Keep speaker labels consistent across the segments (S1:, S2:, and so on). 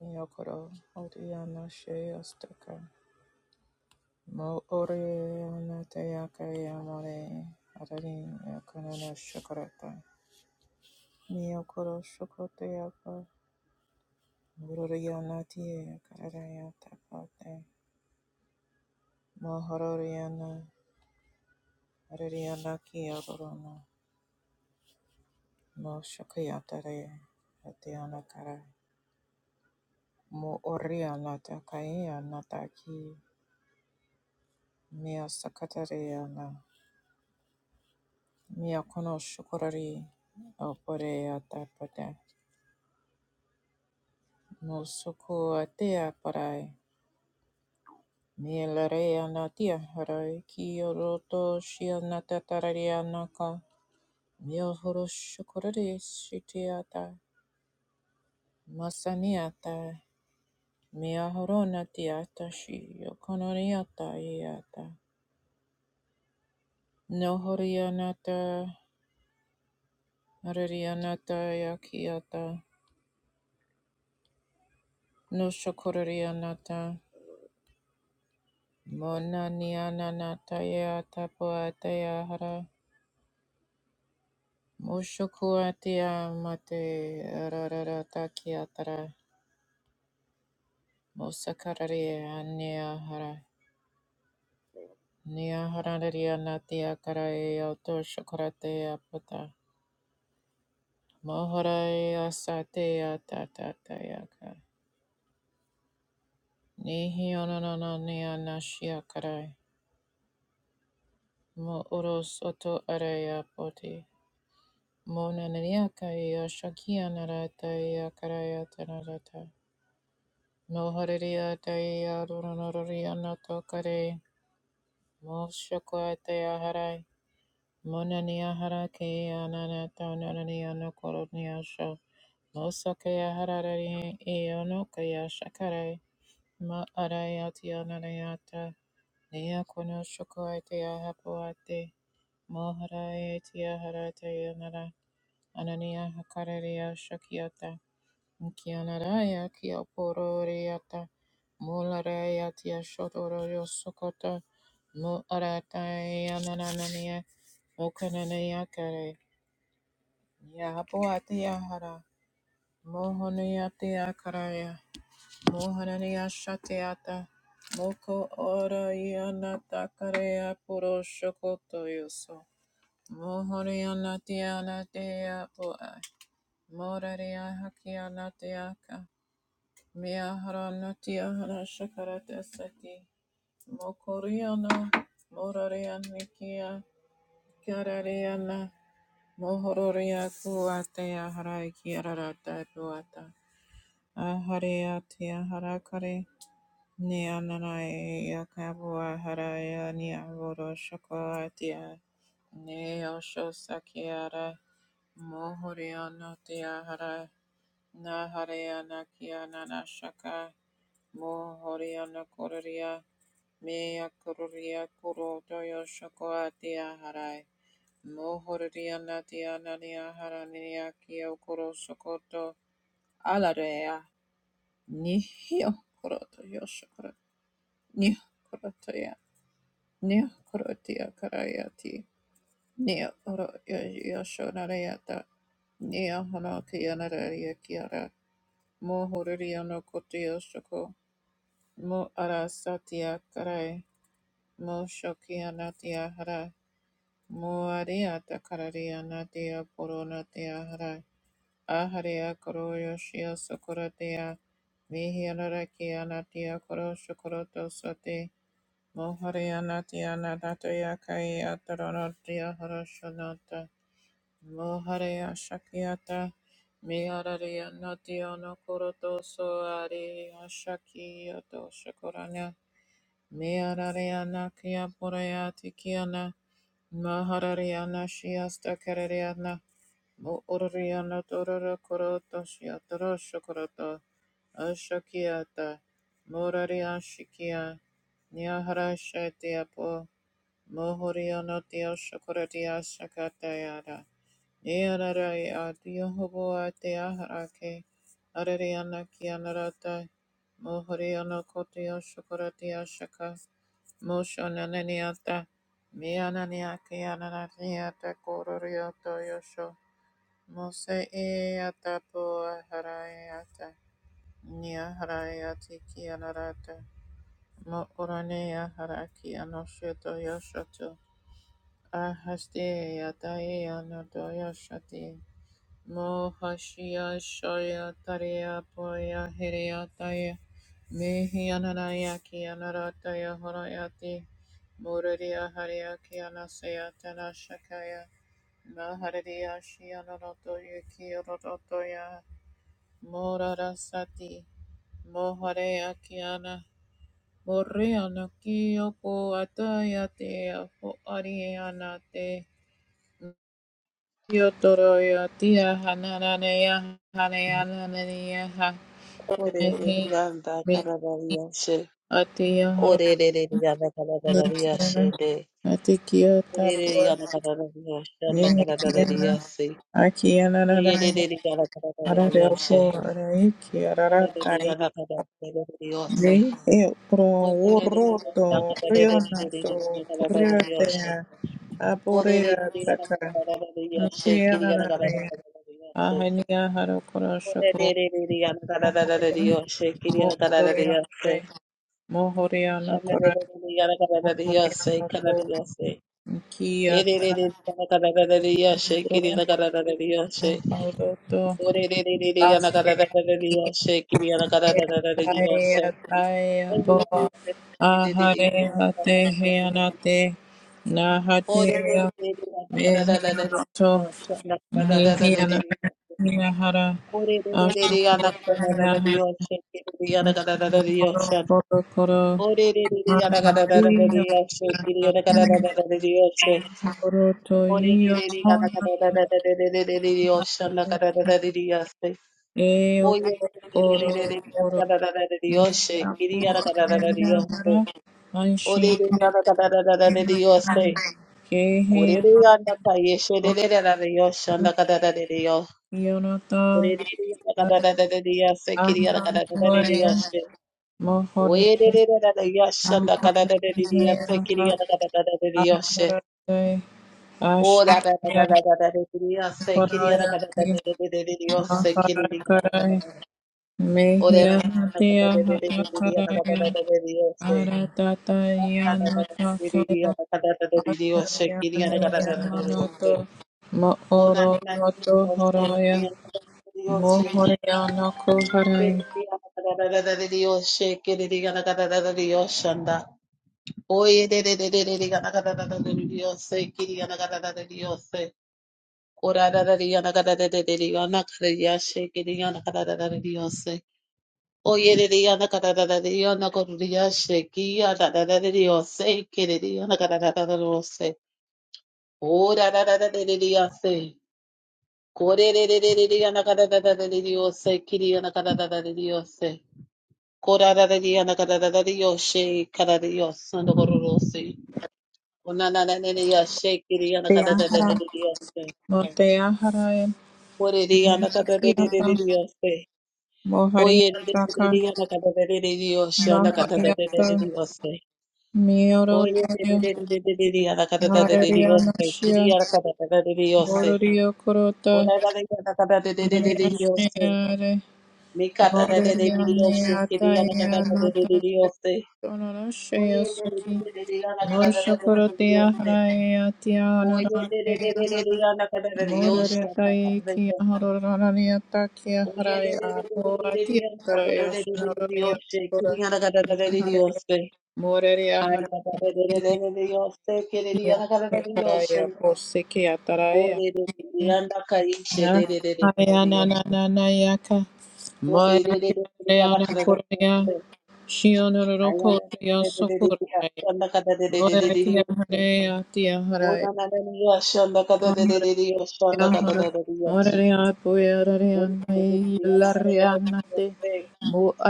S1: Yokoro Oriana Shayostaka Mo Oriana Tayaka Yamore Adarin Yakanana Shakarata Miyokoro Shokotayaka Muroriana Tia Karaya Tapate Mo Hororiana Ariana Kiyorona Mo Shakayatare Atiana Kara Mo Oriana Takayana Taki Mia Sakatariana Mia Miakono shukurari opore atapata no suku atea parai. Mia rea anatia harai ki oroto shi anatatari anaka. Miahoro shukurari sitiata masaniata. Miahoro natiata shi yokonoriata iata. Nohori anata, arari anata yakiata. No shukurari anata. Mona niana nataya tapuataya hara. Mushukuatia mate arara takiatara. Musakararia ania hara. Nia haranaria natia karae auto shukaratea puta. Moharaya satea tatatayaka. Nihi ononania nashia karai. Mo uros oto araya poti. Monanayakaya Shakyanarata Karayatanarata Mohariataya Runorianatokare Moshakwataya Harai Monania Harake Ananata Nananiana Koroniasha Mosakaya Harari Eonokaya Shakare Ma Arayatya Nanayata Niakono Shakwataya Hapuate Moharayatya Harataya Nara Anania Hakararia shakiata. Kianaraya kia pororeata, mularaya tia shotoroyo sokota, mu arataya nananania, mokananaya kare, yahapoatia hara, mohanayatia karaya, mohananaya shatiata, moko oraya natakareya poro shokoto yoso, mohanaya natia natia poa, moraria hakia natiaka, Mea haranotia hara shakarate sati. Mokoriana, moraria nikia, karariana, mohororia kuatea haraiki ararata puata. Ahariatia harakare, neananae yakabua haraya niavoro shakoatia. Neo shosakiara, mohoriana tia hara, nahariana kiana nashaka. Mohoriana Kororia, Mea Kororia Koro Toyo Shokoatia Harai, Mohoriana Tiana Nia Harania Kio Koro Sokoto, Alarea, Nihio kuroto Yoshokoro, Nih Korotoya, Nih Korotia Karayati, Nia Oro Yoshonariata, Nia Honokianaria Kiara, Mohoriana Kotio Shoko, Mo Arasatia Karai, Moshokia Natia Hara, Muaria Takararia Natia Poronatia Hara, Aharia Koroyo Shia Sokoratia, Mihiarakia Natia Koro Shokoroto Sote, Moharia Natia Natatoya Kaya Taronatia Harashonata, Moharia Shakiata, Miararia Natia Nokoroto Soari Shakia Doshakorana, Miararia Nakia Porayati Kiana, Maharariana Shiasta Karariana Muuriana Dorara Korota Shiatara Shakarata Ashakiata Muraria Shikia Nyahara Shatiapo Mohuriana Dio Shakaratia Shakatayara E ararai a diohobo a te aharake, arari ana ki anaratai, mohori ana kote o shokorati a shaka, mosho nanani ata, me anani a ki anarati ata korori ato yosho, mose e ata po aharai ata, ni aharai ati ki anarata, mo orane aharaki anosho to yosho to, ahaste ata e anoto yosho Mohashia Shoya Tariya Poya Hiriya Taya Mihianaraya Kianarataya Horayati Muradiya Hariya anasaya Tana Shakaya Mahariya Shianarato Yuki Rotoya Morarasati Mohareya Kiana Moriana Kiyoko Ataya Te Ariana Te Yotoro yotia hananea hanea nanea hanehi
S2: Orererianda
S1: mi
S2: kararariyashe.
S1: atia
S2: Orererianda kararariyashe
S1: horonikiana
S2: de.
S1: atikiota por
S2: Orererianda kararariyashe anda
S1: nihikiana
S2: kararariyase.
S1: akiana nanaya
S2: Orererianda kararariyashe.
S1: arareopo araiki araratai
S2: Orererianda kararariyase.
S1: mi eopro
S2: Orererianda
S1: urroto rionato
S2: kararariyashe.
S1: curiotea apurea
S2: Orererianda
S1: taka
S2: kararariyashe.
S1: akiana
S2: Kiriyanda kararariyase.
S1: nanaya ahania harakorosoko
S2: Orererianda
S1: Mohoriana
S2: kararariyashe. Kiriyanda
S1: kore
S2: kararariyase. Ore
S1: mohoriana ko kiata bro mohodoto asia taya taya po ahare hate heanate nahate mehianato nihiana nahara ashokota nahara koro koro koro Oroto
S2: Oye, que
S1: io
S2: le diga, da, da,
S1: oro
S2: da, da, da, da, da, da, da, Dios, anda, da, da, Dios, eh.
S1: e o
S2: Oye, que le
S1: oro
S2: diga,
S1: oro
S2: da, da, da, da, da, da, da, Dios, eh.
S1: mia
S2: Que
S1: pu
S2: diga, da, da, da,
S1: aia
S2: Dios, eh.
S1: hara aishi
S2: Oye, diga, da, da, da, da, da, da, Dios, eh.
S1: kehe
S2: Ore, diga, anda, pa, yeshe, da, da, da, da, da, Dios, anda, da, da, da, da, Dios.
S1: yonata
S2: Ore, diga, da, da, da,
S1: are
S2: da, da, da, Dios, eh. Que diga, da,
S1: aha
S2: da, da,
S1: tuaya
S2: Dios, eh.
S1: mohone
S2: Oye, da, da, da, da, da, Dios, anda, da, da,
S1: ahara
S2: da, da, da, Dios, eh.
S1: hea
S2: Que
S1: ha
S2: diga, da, da, da, Dios, eh.
S1: ahara te
S2: Oh,
S1: ashya
S2: da da da da da da da da. Say, kitty, da da
S1: paraya
S2: da da
S1: ki
S2: da da da da. Say,
S1: mahara
S2: kitty, da da da da
S1: karai
S2: da. da. Oh, da
S1: mehiya
S2: da da da da
S1: hatea hata
S2: da da
S1: karaya
S2: da. Say,
S1: Mohariana
S2: oh, da da da da da da da. Say, kitty, da da da da da da. da oh, na na. Say, kitty, da da da da. Say, kitty, da da da da da. Say, kitty, da da da da da. Shanda. Oh, ye de de de de de da da da da da da. Say, kitty, da da da da da. Say. Ora ra ra ri ana ka ra ra ra ri ana ka ra ya she ki ri ana ka ra ra ra ri o se. O ye ri ri ana ka ra ra ra ri ana ka ru ri ya she ki ana ra ra ra ri o se ki ri ri ana ka ra ra ra ri o se. Ora ra ra ra ri ri ya se. Ko re re re re ri ri ana ka ra ra ra ri ri o se ki ri ana ka ra ra ra ri ri o se. Ko ra ra ra ri ana ka ra ra ra ri o she ka ra ri o se ana ka ru ru o se. O na na na na ri ya she ki ri ana ka ra ra ra ri ri o se. Ko re ri ana ka ra ra ra ri ri o se. Oye, de de de de de de de de de de Dios, anda cata de de de de Dios. eh. Oye, de de de de de de de anda cata de de de Dios, eh. quería la cata de de Dios. Ora de de anda cata de de de de de Dios. Mi cata de de de de Dios, eh. quería la cata de de de Dios. eh. Oye, de de
S1: Sonoroshiosaki,
S2: de de de anda cata de de de Dios.
S1: Moshokorotia
S2: eh.
S1: Haraya
S2: Oye, de de de de
S1: Tianaratea
S2: de
S1: Hara,
S2: de anda cata de Dios, anda cata
S1: Moraretai
S2: de Dios.
S1: Kiaharorania Takia
S2: Oye, de de
S1: Haraya,
S2: de de de de de
S1: Poatia
S2: anda cata
S1: Haraya
S2: de de de
S1: Sonoria
S2: Dios, eh.
S1: Hora,
S2: quería la cata de de
S1: Naharea,
S2: Dios. eh.
S1: Moraria
S2: Ay,
S1: Harakia
S2: Dios, te querería la cara de Dios,
S1: Haraya, Posikia Taraya,
S2: Ore de Brianda Caiche, de anda, caíche, de de de de de- de-
S1: Nahaya
S2: de- Dios,
S1: Nananayaka, Maya
S2: Ore de de de de la
S1: Kiana
S2: cara de Dios,
S1: Korea,
S2: Señor. Ay,
S1: Shionoroko
S2: anda, de de de de Dios,
S1: Sokoria.
S2: anda cara de de de de de- Dios,
S1: Mohoria
S2: Ora na de Dios, anda cara de de de de- Dios, anda cara de de de- Dios, Ore de de de Dios, anda cara de de- de- Dios, eh,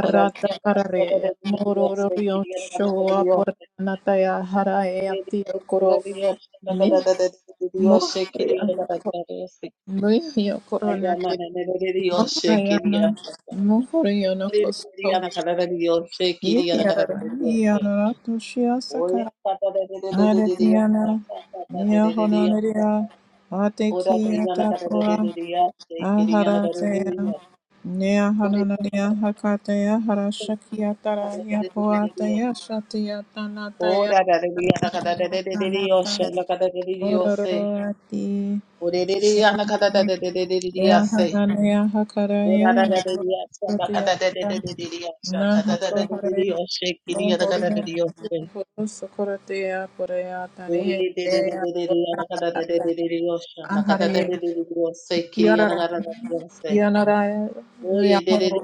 S2: Ora de Dios, anda cara de de de- de- Dios, eh, quería la cara de Dios, eh, quería la cara de de- de- Dios, anda cara de de de de- Dios, eh, quería la cara de Dios, sí. Ora
S1: no Costco, Yarara, Yarara, Toshia Aratiana, Nia Honoria, Atekia Tatua, Aharatea, Nia Honoria Hakatea, Harashakia Tarahia Poatea, Shatia Tanatea, Nia Tanata, Ororoati, Nia Hananea Hakaraya, Shatia Nahakohare, Mohoria, Sukuratea, Porea, Tanea, Anhare Kiarara Kianara Yahoro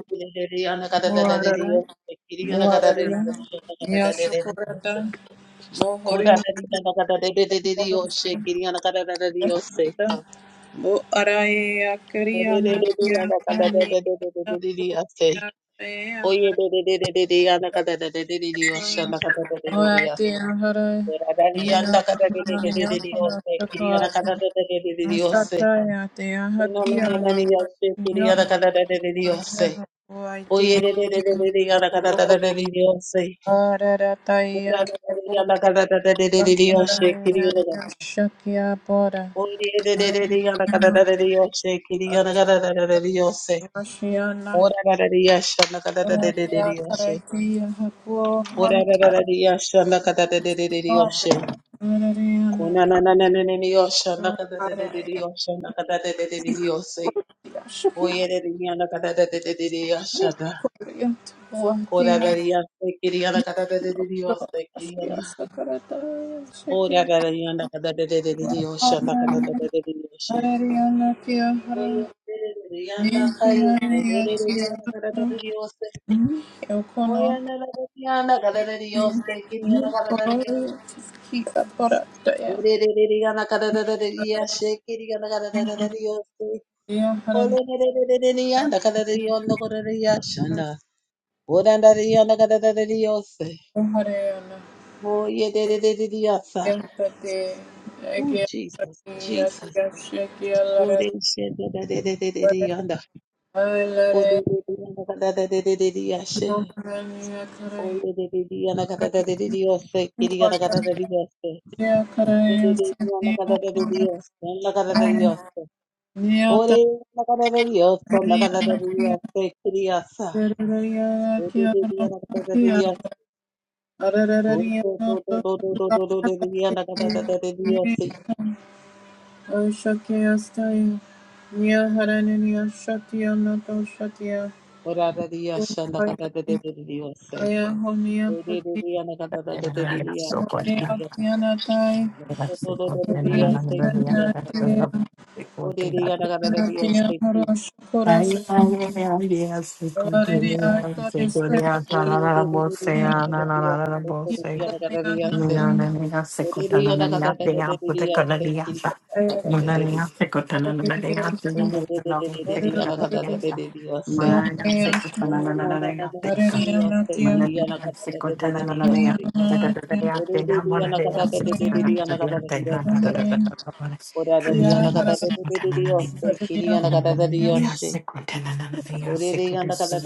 S1: Moarara Moararia Yashokorata Mohoria Mohorata Mo Araya Kariana Yahani Yahaya
S2: Oye,
S1: Hara
S2: de de de de de de, anda cada de de de de de, osha, anda de de de de,
S1: Moati
S2: ose.
S1: Ahara
S2: Era dali, anda de de de
S1: Yahamana
S2: de de de,
S1: Yahana
S2: ose. Kiri, anda cada
S1: Sakwati
S2: de de de de de de, ose.
S1: Asataya
S2: Uno, no, no, no, no, no,
S1: Teahatiana
S2: ni de Kiri, anda
S1: Yana
S2: cada de de de de, ose.
S1: Yahapuaiti
S2: Oye, de de de de de de, anda cada de de de de de, ose. Una,
S1: Ararataya
S2: de de de, anda cada de de de de de de, ose. Kiri, anda.
S1: Shakya Bora.
S2: Oye, de de de de, anda cada de de de, ose. Kiri, anda cada de de de de, ose.
S1: Oceana
S2: Ora, de de, osha, anda cada de de de de,
S1: Terapia
S2: ose.
S1: Karetia Hapo
S2: Ora kata kata kata de de de de ri
S1: Montanata
S2: yoshe.
S1: Mariana
S2: Ona na na na na na ri yosha na
S1: Para
S2: Oye, kata kata kata de de de ri yoshe.
S1: Shaki
S2: Oye de ri yana kata de de de de ri yasha da.
S1: Korea
S2: Ora ra
S1: Tuatia
S2: ri yashe kiri yana kata de de de ri yoshe kiri
S1: Rosia
S2: yana.
S1: Sakarata
S2: Ora
S1: Shaki
S2: ra ri yana kata de de de de ri yoshe na kata de de de ri yoshe.
S1: Mariana
S2: oye
S1: Tiahara
S2: de de ri yana kai de de
S1: Nintia
S2: de de ri yana kata de
S1: Tiahara
S2: de ri yoshe. oye
S1: Yokono
S2: kiri kiri kiri yana kata de ri
S1: Nikoria Bora
S2: Oh,
S1: Aparataya Tiahara hare Hariana em prati ekya
S2: Jesus,
S1: prati
S2: Jesus.
S1: yasyasya kya larat alare yohani akare vakamya kare yasya kare
S2: Oh, Ore
S1: niyata
S2: la cara de Dios, son la cara de
S1: hariana kya
S2: Dios, te criasa.
S1: sararaya
S2: Ore
S1: kya
S2: de día la cara de
S1: rakya
S2: Dios. Ore
S1: arararariya noto
S2: de día
S1: lakatati
S2: la cara de Dios.
S1: niyata ashakya staya niya harani niya shatya noto shatya
S2: Ora de día la cara de Dios. Ore de día la cara de Dios,
S3: So
S2: te
S3: quite young.
S2: criasa.
S3: Yes, it
S2: Ore
S3: could be
S2: de día
S3: another
S2: te
S3: brother. I
S2: criasa. Ore de día la cara de Dios, te criasa. Ore de día la cara de Dios, te criasa. Ore de día la cara de Dios, te
S1: Hallelujah.
S2: criasa. Dios,
S3: am so
S2: Kiriana
S3: Mana Secotana, Mama, Maria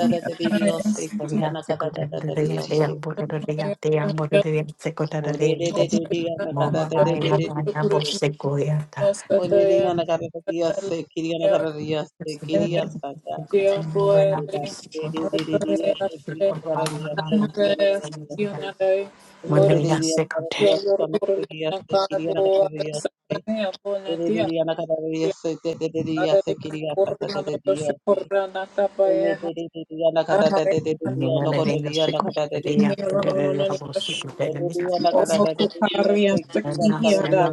S1: Thank
S2: Dios, Kiriana Ore dia
S3: secretary.
S2: nakata
S3: Hallelujah, sikonia
S1: you. Omokuparia sakihiada,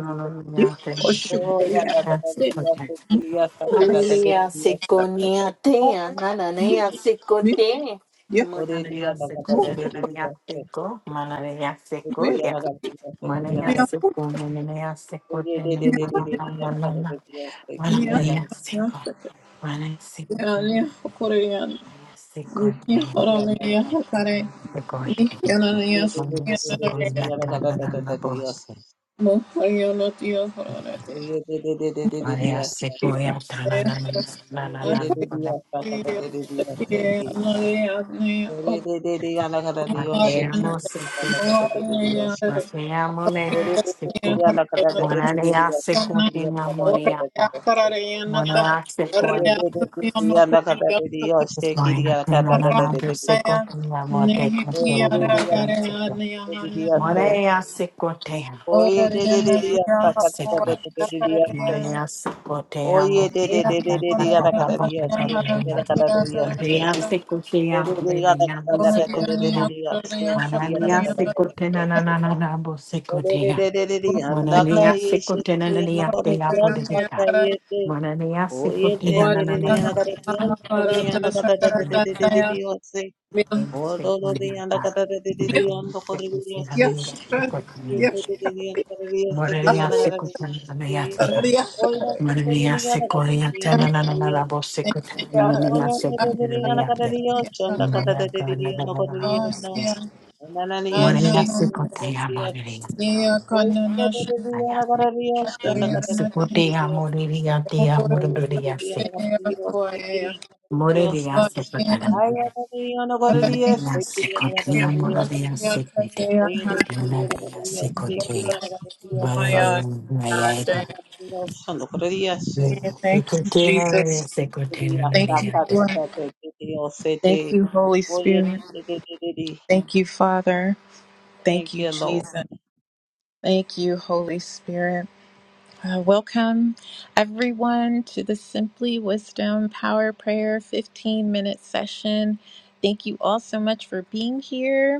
S1: di oshukuriada, o
S3: te, ananea
S1: mi
S3: sikote.
S1: di
S3: Mananea sikote,
S2: bere
S3: nananea
S2: dia
S3: siko, mananea
S2: Dios, te
S1: mi
S3: siko,
S2: quería, ta,
S3: ya.
S2: ta, ta,
S1: mi
S3: Mananea
S1: aku
S3: siko, mananea sikote,
S1: mi aku
S3: nananananana.
S1: mi
S2: ta,
S3: Mananea
S1: aku
S3: siko, mananea siko,
S1: yani
S3: mananea
S1: hokare
S3: sikote.
S1: mi yanani ya
S3: Maria
S1: sakiyanani ya
S3: Sequoia Tanana Bosse,
S1: mo hariyonati
S3: Maria Sequoia Tanana Nanana, Matemo Sequi,
S1: Thank
S3: Matemo Seco, Monania Sequoia Moniata, Monia Sequoia. It's going to
S2: ta,
S3: clean
S2: ta,
S3: on
S2: ta,
S3: another
S2: ta.
S3: second, more day control, more
S2: Oye
S3: than second.
S2: Oye
S3: Morea
S2: Oye de dia de de dia se. Oye de de de! dia sa ka da da
S3: Second.
S2: da de de dia se.
S3: Maria
S2: Oye
S3: Secoteamo,
S2: de de de de! de dia da ka da dia se ki de da ka da dia se.
S3: Maria
S2: Ore
S3: Secoteamo,
S2: de dia
S3: baby,
S2: da ka
S3: Amo
S2: da da da de de de!
S3: Secotena,
S2: dia se ki de da ka
S3: Manania
S2: da da da de
S1: you.
S2: dia
S3: Secotena,
S2: se.
S3: Nanabo
S2: Ore de
S3: Secotea,
S2: de de de! dia anda ka
S3: Manania
S2: ye se de
S3: Secotena,
S2: dia na
S3: Nania,
S2: ka da
S3: they are
S2: dia anda ka
S3: Podelica,
S2: ye de
S3: Manania
S2: Oye de
S3: Secotena,
S2: de de
S3: Nanana,
S2: dia na ka da dia anda ka dia na ka da da da de! de de dia se. Ore de Oh, Lord, the and the Kata, de Didi, and the Korea, yes. Oye,
S3: Maria Secotena, Maria Secotena, Maria Sequoia, Tananana, Secretary, Maria Secretary, Maria Maria Sequoia, Maria. Maria Sequoia, Maria, Tia, Maria Se. Maria Secretary, Maria Sequoia, Maria Secretary,
S1: Yeah.
S3: Maria Sequoia, Maria
S1: God!
S2: Mana
S1: Thank
S2: Dios, santo corríase.
S1: you,
S3: Maria
S1: Jesus.
S3: Secretary,
S2: Diría,
S1: Thank you,
S3: Maria
S2: saca,
S3: Secretary,
S1: Lord.
S2: saca, que que Dios se
S1: Thank
S2: te.
S1: you, Holy
S2: Oye,
S1: Spirit.
S2: te, te, te, te, te, te.
S1: Thank you, Father.
S2: Thank
S1: Thank you,
S2: you, Lord.
S1: Jesus. Thank you, Holy Spirit. Uh, welcome, everyone, to the Simply Wisdom Power Prayer 15 minute session. Thank you all so much for being here.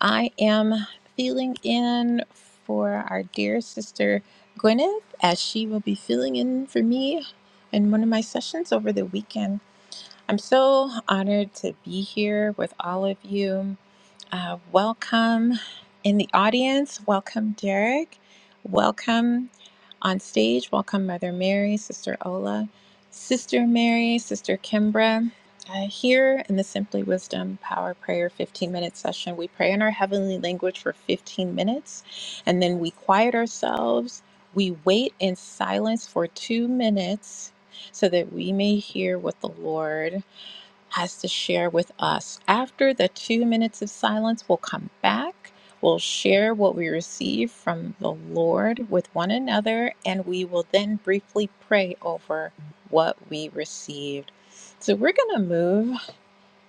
S1: I am filling in for our dear sister Gwyneth as she will be filling in for me in one of my sessions over the weekend. I'm so honored to be here with all of you. Uh, welcome in the audience. Welcome, Derek. Welcome. On stage, welcome Mother Mary, Sister Ola, Sister Mary, Sister Kimbra. Uh, here in the Simply Wisdom Power Prayer 15 minute session, we pray in our heavenly language for 15 minutes and then we quiet ourselves. We wait in silence for two minutes so that we may hear what the Lord has to share with us. After the two minutes of silence, we'll come back. We'll share what we receive from the Lord with one another, and we will then briefly pray over what we received. So, we're going to move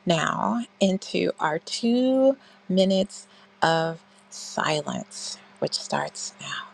S1: now into our two minutes of silence, which starts now.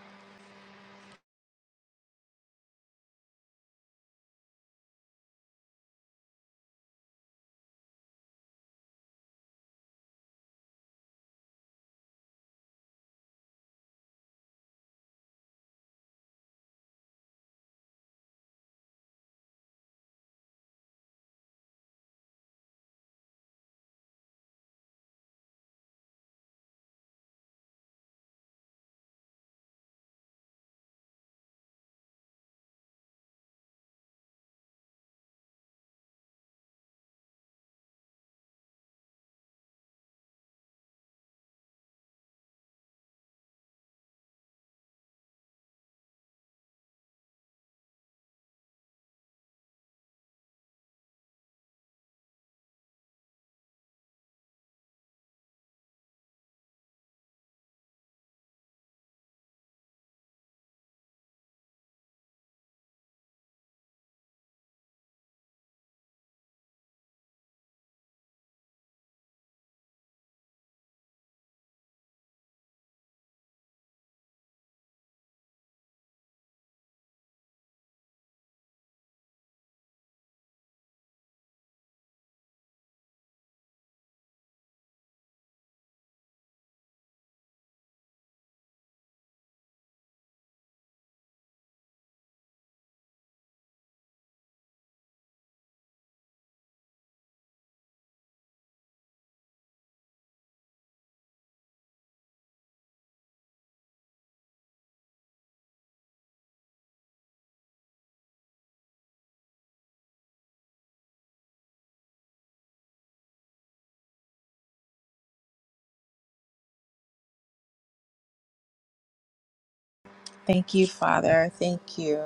S1: Thank you, Father. Thank you,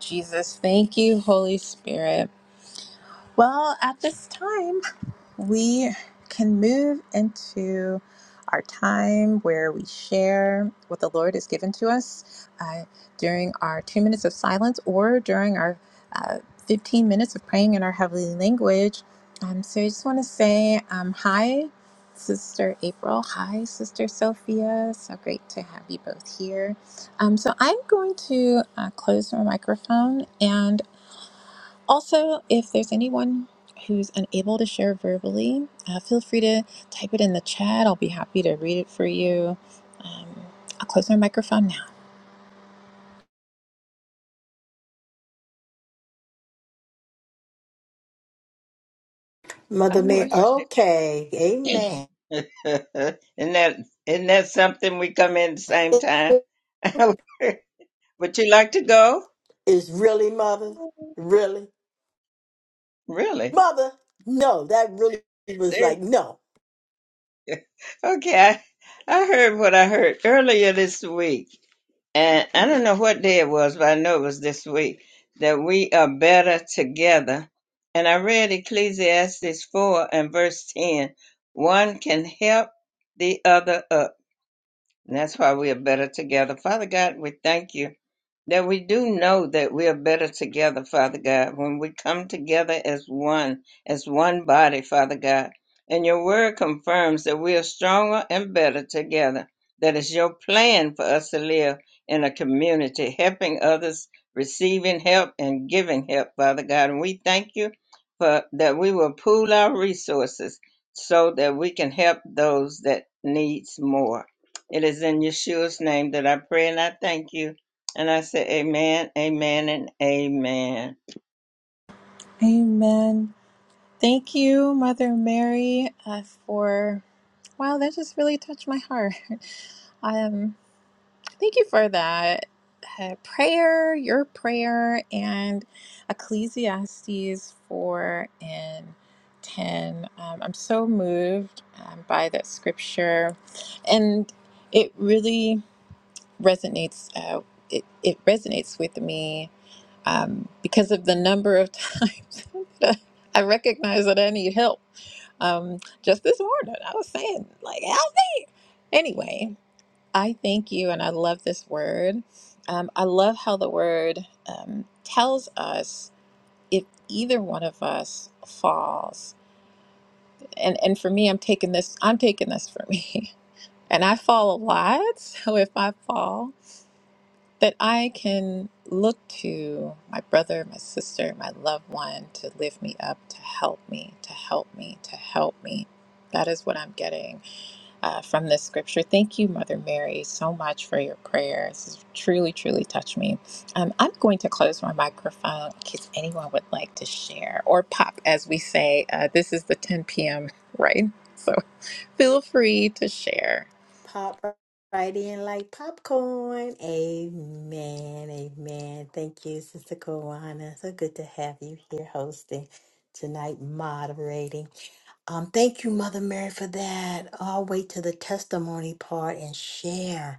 S1: Jesus. Thank you, Holy Spirit. Well, at this time, we can move into our time where we share what the Lord has given to us uh, during our two minutes of silence or during our uh, 15 minutes of praying in our heavenly language. Um, so I just want to say um, hi, Sister April. Hi, Sister Sophia. So great to have you both here. Um, so I'm going to uh, close my microphone, and also, if there's anyone who's unable to share verbally, uh, feel free to type it in the chat. I'll be happy to read it for you. Um, I'll close my microphone now.
S4: I
S3: Mother
S4: wish.
S3: Mary. Okay. Amen.
S4: isn't that isn't that something? We come in the same time. Would you like to go?
S3: Is really mother? Really?
S4: Really?
S3: Mother? No, that really was like,
S4: Seriously?
S3: no.
S4: Okay. I, I heard what I heard earlier this week, and I don't know what day it was, but I know it was this week that we are better together. And I read Ecclesiastes four and verse ten. One can help the other up And that's why we are better together. Father God, we thank you that we do know that we are better together, Father God, when we come together as one, as one body, Father God. And your word confirms that we are stronger and better together. That is your plan for us to live in a community, helping others, receiving help, and giving help, Father God. And we thank you for that we will pool our resources so that we can help those that needs more. It is in Yeshua's name that I pray and I thank you. And I say, Amen, Amen, and Amen.
S1: Amen. Thank you, Mother Mary, uh, for wow, that just really touched my heart. I am. Thank you for that uh, prayer, your prayer, and Ecclesiastes 4 and 10. Um, I'm so moved um, by that scripture, and it really resonates. Uh, it, it resonates with me um, because of the number of times that I recognize that I need help. Um, just this morning, I was saying, like, help me. Anyway, I thank you, and I love this word. Um, I love how the word um, tells us if either one of us falls. And and for me, I'm taking this. I'm taking this for me, and I fall a lot. So if I fall, that I can look to my brother, my sister, my loved one to lift me up, to help me, to help me, to help me. That is what I'm getting uh, from this scripture. Thank you, Mother Mary, so much for your prayer. This has truly, truly touched me. Um, I'm going to close my microphone in case anyone would like to share or pop, as we say. Uh, this is the 10 p.m., right? So feel free to share.
S3: Pop right in like popcorn. Amen. Amen. Thank you, Sister Kawana. So good to have you here hosting tonight, moderating. Um, thank you, Mother Mary, for that. I'll wait to the testimony part and share.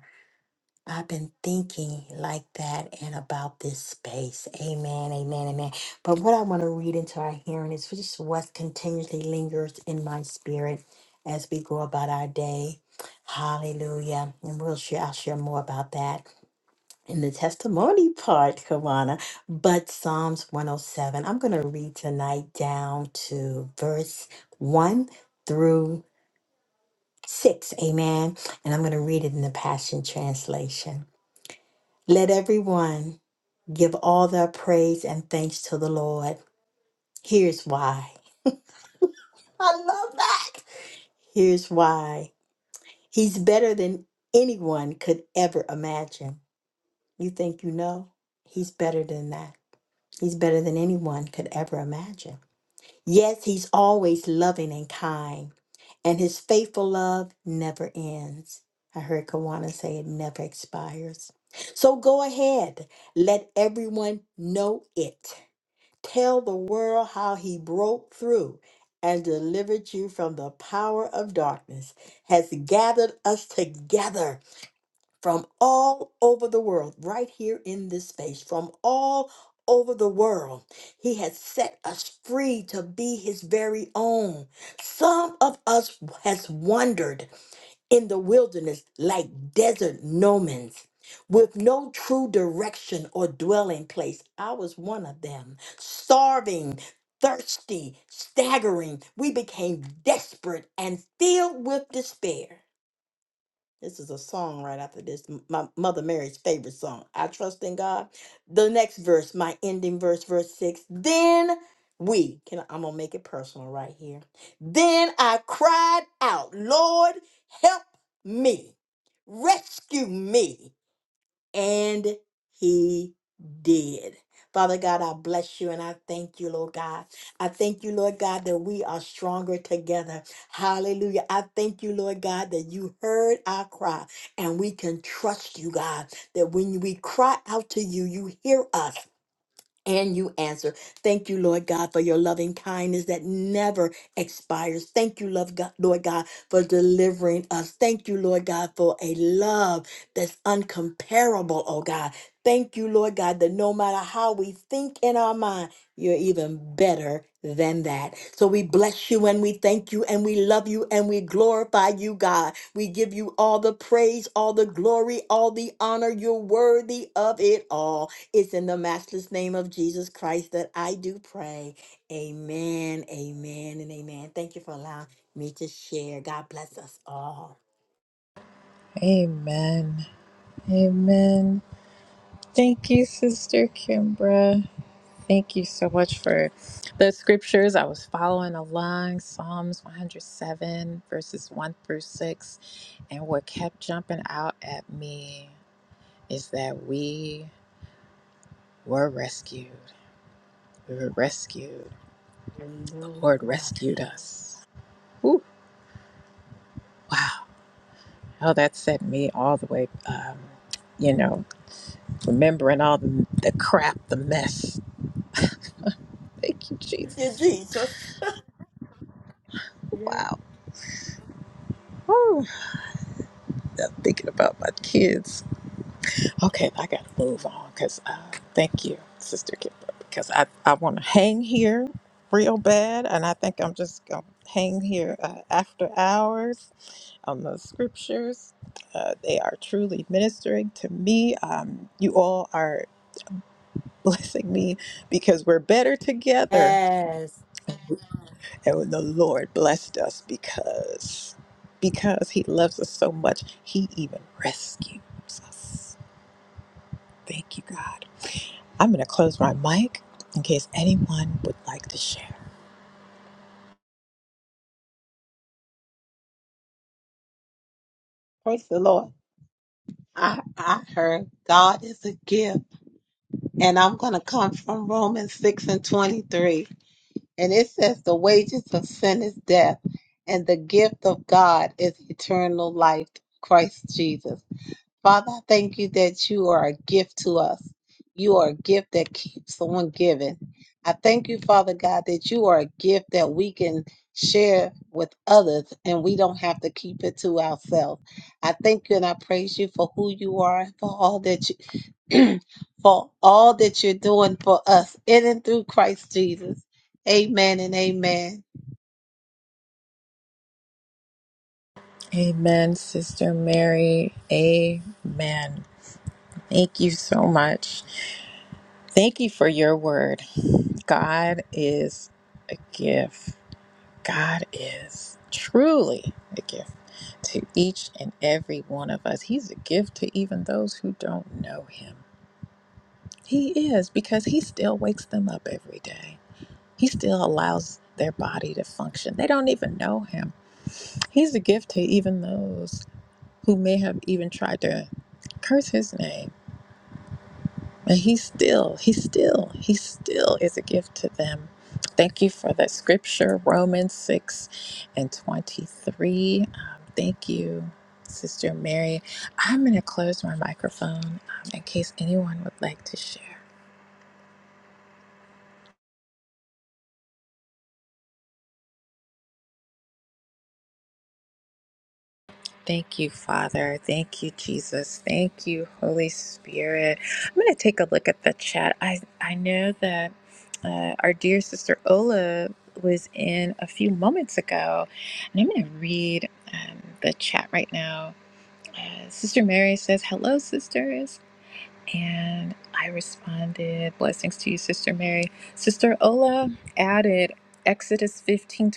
S3: I've been thinking like that and about this space. Amen, amen, amen. But what I want to read into our hearing is just what continuously lingers in my spirit as we go about our day. Hallelujah. And we'll share, I'll share more about that in the testimony part, Kawana. But Psalms 107, I'm going to read tonight down to verse 1 through 6. Amen. And I'm going to read it in the Passion Translation. Let everyone give all their praise and thanks to the Lord. Here's why. I love that. Here's why. He's better than anyone could ever imagine. You think you know? He's better than that. He's better than anyone could ever imagine. Yes, he's always loving and kind, and his faithful love never ends. I heard Kawana say it never expires. So go ahead, let everyone know it. Tell the world how he broke through and delivered you from the power of darkness, has gathered us together from all over the world, right here in this space, from all over the world. He has set us free to be his very own. Some of us has wondered in the wilderness like desert nomads with no true direction or dwelling place. I was one of them, starving, thirsty, staggering. We became desperate and filled with despair. This is a song right after this, m- my Mother Mary's favorite song. I trust in God. The next verse, my ending verse, verse six. Then we can I'm gonna make it personal right here. Then I cried out, Lord, help me, rescue me. And he did. Father God, I bless you and I thank you, Lord God. I thank you, Lord God, that we are stronger together. Hallelujah. I thank you, Lord God, that you heard our cry and we can trust you, God, that when we cry out to you, you hear us and you answer. Thank you, Lord God, for your loving kindness that never expires. Thank you, love God, Lord God, for delivering us. Thank you, Lord God, for a love that's uncomparable, oh God. Thank you, Lord God, that no matter how we think in our mind, you're even better than that. So we bless you and we thank you and we love you and we glorify you, God. We give you all the praise, all the glory, all the honor. You're worthy of it all. It's in the matchless name of Jesus Christ that I do pray. Amen, amen, and amen. Thank you for allowing me to share. God bless us all.
S1: Amen. Amen. Thank you, Sister Kimbra. Thank you so much for the scriptures. I was following along Psalms 107, verses 1 through 6. And what kept jumping out at me is that we were rescued. We were rescued. The Lord
S3: Hallelujah.
S1: rescued us. Whew, wow. Oh, that set me all the way, um, you know, remembering all the, the crap, the mess. Thank you,
S3: Thank you,
S1: Jesus.
S3: Jesus.
S1: Wow. Whew, thinking about my kids Okay, I got to move on because uh, thank you, Sister Kipper, because I, I want to hang here real bad. And I think I'm just going to hang here uh, after hours on the scriptures. Uh, they are truly ministering to me. Um, you all are blessing me because we're better together.
S3: Yes.
S1: And the Lord blessed us because because he loves us so much, he even rescues us. Thank you, God. I'm going to close my mic in case anyone would like to share.
S2: Praise the Lord. I, I heard God is a gift. And I'm going to come from Romans 6 and 23. And it says, The wages of sin is death, and the gift of God is eternal life, Christ Jesus. Father, I thank you that you are a gift to us. You are a gift that keeps on giving. I thank you, Father God, that you are a gift that we can share with others and we don't have to keep it to ourselves. I thank you and I praise you for who you are and for all that you for all that you're doing for us in and through Christ Jesus. Amen and amen.
S1: Amen, Sister Mary. Amen. Thank you so much. Thank you for your word. God is a gift. God is truly a gift to each and every one of us. He's a gift to even those who don't know Him. He is because He still wakes them up every day. He still allows their body to function. They don't even know Him He's a gift to even those who may have even tried to curse his name. And he still, he still, he still is a gift to them. Thank you for that scripture, Romans 6 and 23. Um, thank you, Sister Mary. I'm going to close my microphone um, in case anyone would like to share. Thank you, Father. Thank you, Jesus. Thank you, Holy Spirit. I'm going to take a look at the chat. I, I know that uh, our dear sister Ola was in a few moments ago, and I'm going to read um, the chat right now. Uh, sister Mary says, Hello, sisters. And I responded, Blessings to you, Sister Mary. Sister Ola added, Exodus 15:26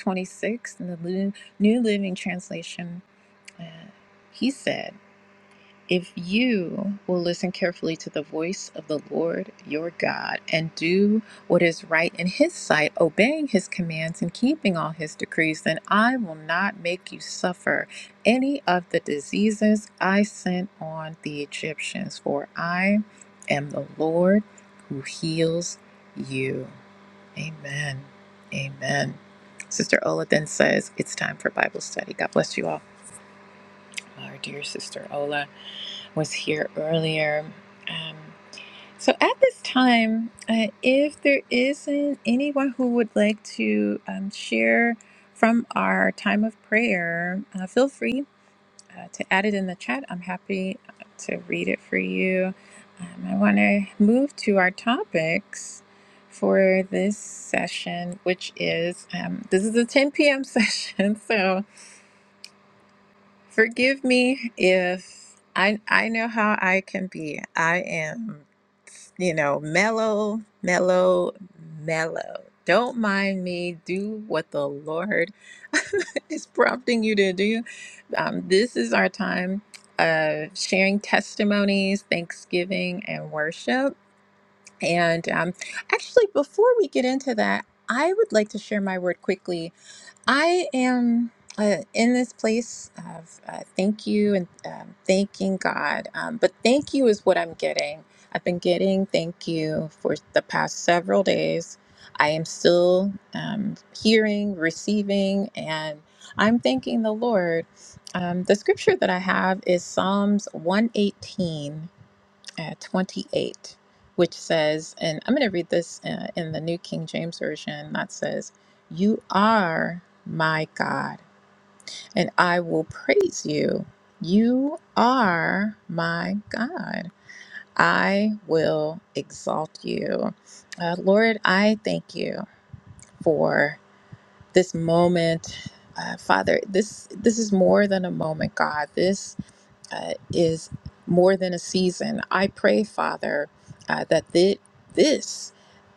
S1: in the Lu- New Living Translation he said, If you will listen carefully to the voice of the Lord your God and do what is right in his sight, obeying his commands and keeping all his decrees, then I will not make you suffer any of the diseases I sent on the Egyptians, for I am the Lord who heals you. Amen. Amen. Sister Ola then says, It's time for Bible study. God bless you all our dear sister Ola was here earlier. Um, so at this time, uh, if there isn't anyone who would like to um, share from our time of prayer, uh, feel free uh, to add it in the chat. I'm happy uh, to read it for you. Um, I want to move to our topics for this session, which is um, this is a 10 p.m. session, so Forgive me if I I know how I can be. I am, you know, mellow, mellow, mellow. Don't mind me. Do what the Lord is prompting you to do. Um, this is our time of sharing testimonies, thanksgiving, and worship. And um, actually, before we get into that, I would like to share my word quickly I am uh, in this place of uh, thank you and um, thanking God. Um, but thank you is what I'm getting. I've been getting thank you for the past several days. I am still um, hearing, receiving, and I'm thanking the Lord. Um, the scripture that I have is Psalms 118 uh, 28, which says, and I'm going to read this uh, in the New King James Version that says, You are my God, and I will praise you. You are my God. I will exalt you. Uh, Lord, I thank you for this moment. Uh, Father, this this is more than a moment, God. This uh, is more than a season. I pray, Father, uh, that thi- this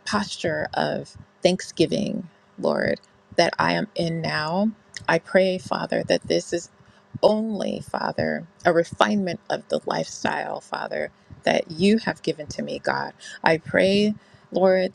S1: posture of thanksgiving, Lord, that I am in now, I pray, Father, that this is only, Father, a refinement of the lifestyle, Father, that you have given to me, God. I pray, Lord,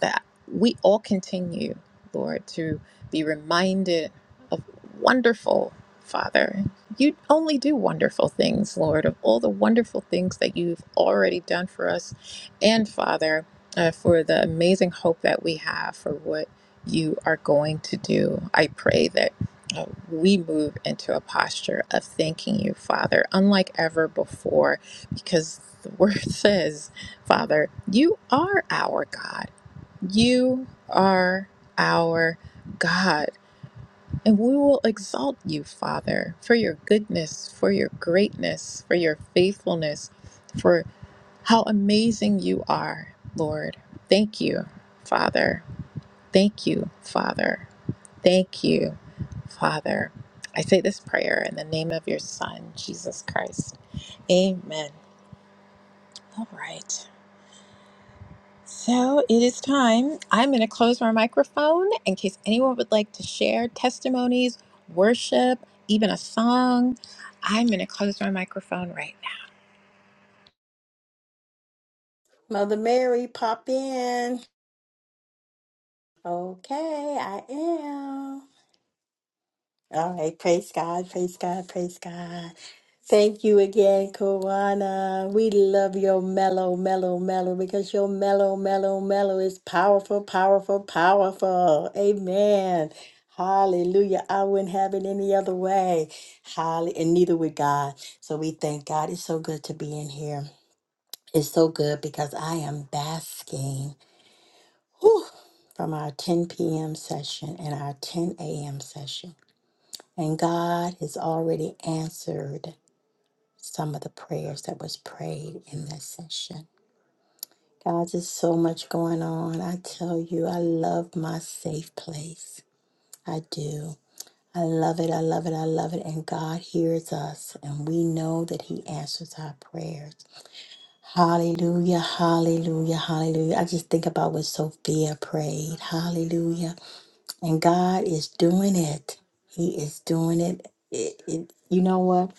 S1: that we all continue, Lord, to be reminded of wonderful, Father. You only do wonderful things, Lord, of all the wonderful things that you've already done for us. And, Father, uh, for the amazing hope that we have for what you are going to do. I pray that uh, we move into a posture of thanking you, Father, unlike ever before, because the word says, Father, you are our God. You are our God. And we will exalt you, Father, for your goodness, for your greatness, for your faithfulness, for how amazing you are, Lord. Thank you, Father. Thank you, Father. Thank you, Father. I say this prayer in the name of your Son, Jesus Christ. Amen. All right. So it is time. I'm going to close my microphone in case anyone would like to share testimonies, worship, even a song. I'm going to clone right.
S3: Mother Mary, pop in. Okay, I am. All right, praise God, praise God, praise God. Thank you again, Kawana. We love your mellow, mellow, mellow because your mellow, mellow, mellow is powerful, powerful, powerful. Amen. Hallelujah. I wouldn't have it any other way. Holly, and neither would God. So we thank God. It's so good to be in here. It's so good because I am basking whew, from our 10 p.m. session and our 10 a.m. session. And God has already answered some of the prayers that was prayed in that session. God, there's so much going on. I tell you, I love my safe place. I do. I love it. I love it. I love it. And God hears us, and we know that He answers our prayers. Hallelujah. Hallelujah. Hallelujah. I just think about what Sophia prayed. Hallelujah. And God is doing it. He is doing it. It, it you know what?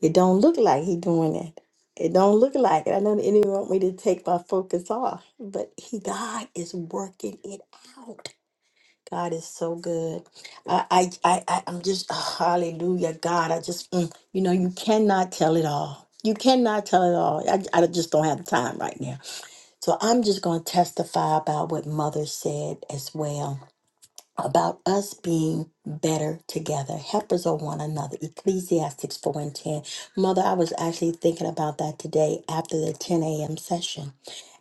S3: It don't look like he doing it. It don't look like it. I know the enemy want me to take my focus off, but he God is working it out. God is so good. I I I I- I'm just uh, hallelujah, God. I just mm, you know you cannot tell it all. You cannot tell it all. I, I just don't have the time right now. So I'm just going to testify about what mother said as well about us being better together, helpers of one another. Ecclesiastics 4 and 10. Mother, I was actually thinking about that today after the 10 a.m. session.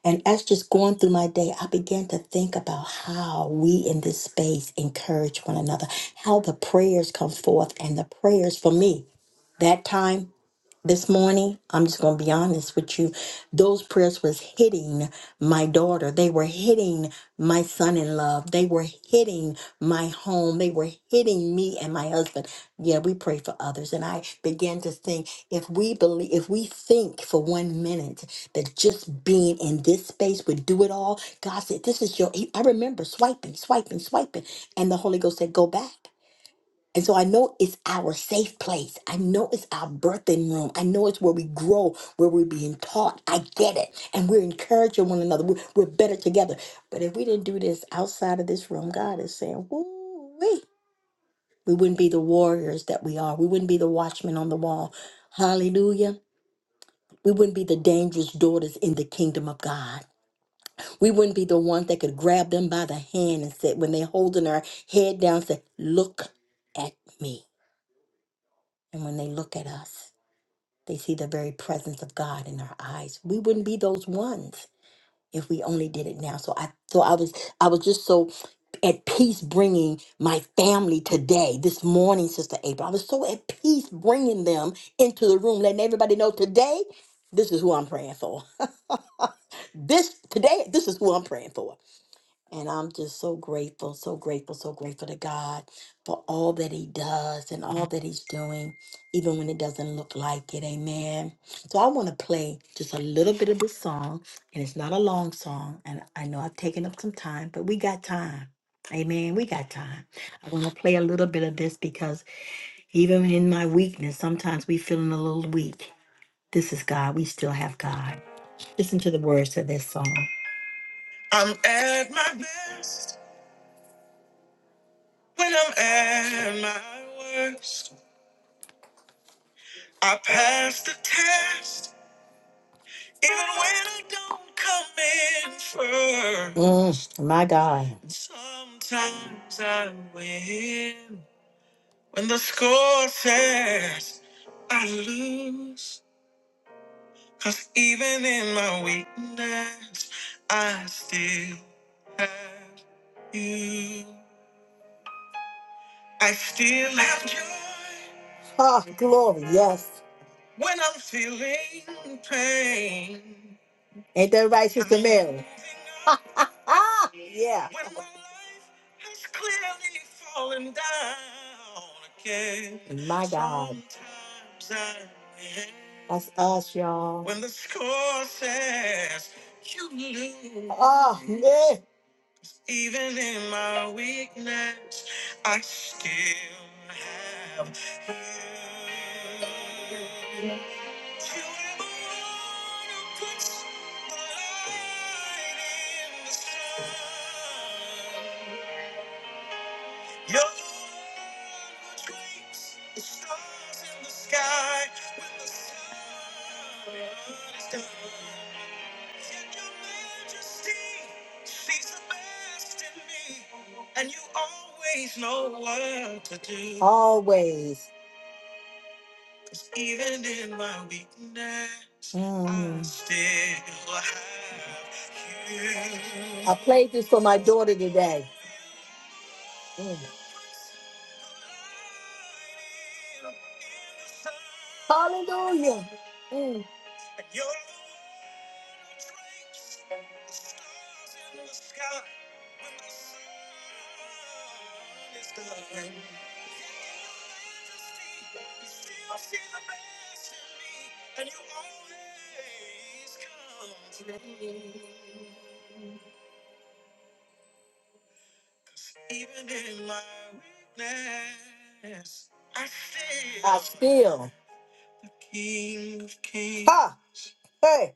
S3: And as just going through my day, I began to think about how we in this space encourage one another, how the prayers come forth and the prayers for me. That time this morning i'm just going to be honest with you those prayers was hitting my daughter they were hitting my son in love they were hitting my home they were hitting me and my husband yeah we pray for others and i began to think if we believe if we think for one minute that just being in this space would do it all god said this is your i remember swiping swiping swiping and the holy ghost said go back and so I know it's our safe place. I know it's our birthing room. I know it's where we grow, where we're being taught. I get it. And we're encouraging one another. We're, we're better together. But if we didn't do this outside of this room, God is saying, woo wee. We wouldn't be the warriors that we are. We wouldn't be the watchmen on the wall. Hallelujah. We wouldn't be the dangerous daughters in the kingdom of God. We wouldn't be the ones that could grab them by the hand and say, when they're holding their head down, say, look at me. And when they look at us, They see the very presence of God in our eyes. We wouldn't be those ones if we only did it now. So I so I was I was just so at peace bringing my family today, this morning, Sister April. I was so at peace bringing them into the room, letting everybody know today, this is who I'm praying for. This today, this is who I'm praying for. And I'm just so grateful, so grateful, so grateful to God for all that He does and all that He's doing, even when it doesn't look like it. Amen. So I want to play just a little bit of this song, and it's not a long song. And I know I've taken up some time, but we got time. Amen. We got time. I want to play a little bit of this because even in my weakness, sometimes we feeling a little weak. This is God. We still have God. Listen to the words of this song. Ah, glory. Yes. Ain't that right, Sister Mary? Yeah. That's us, y'all. When the score says you lose. Oh, yeah. And you always know what to do. Always. Mm. I still have- I played this for my daughter today. Mm. Hallelujah. Mm. I still. I still. King of kings. Ha! Hey.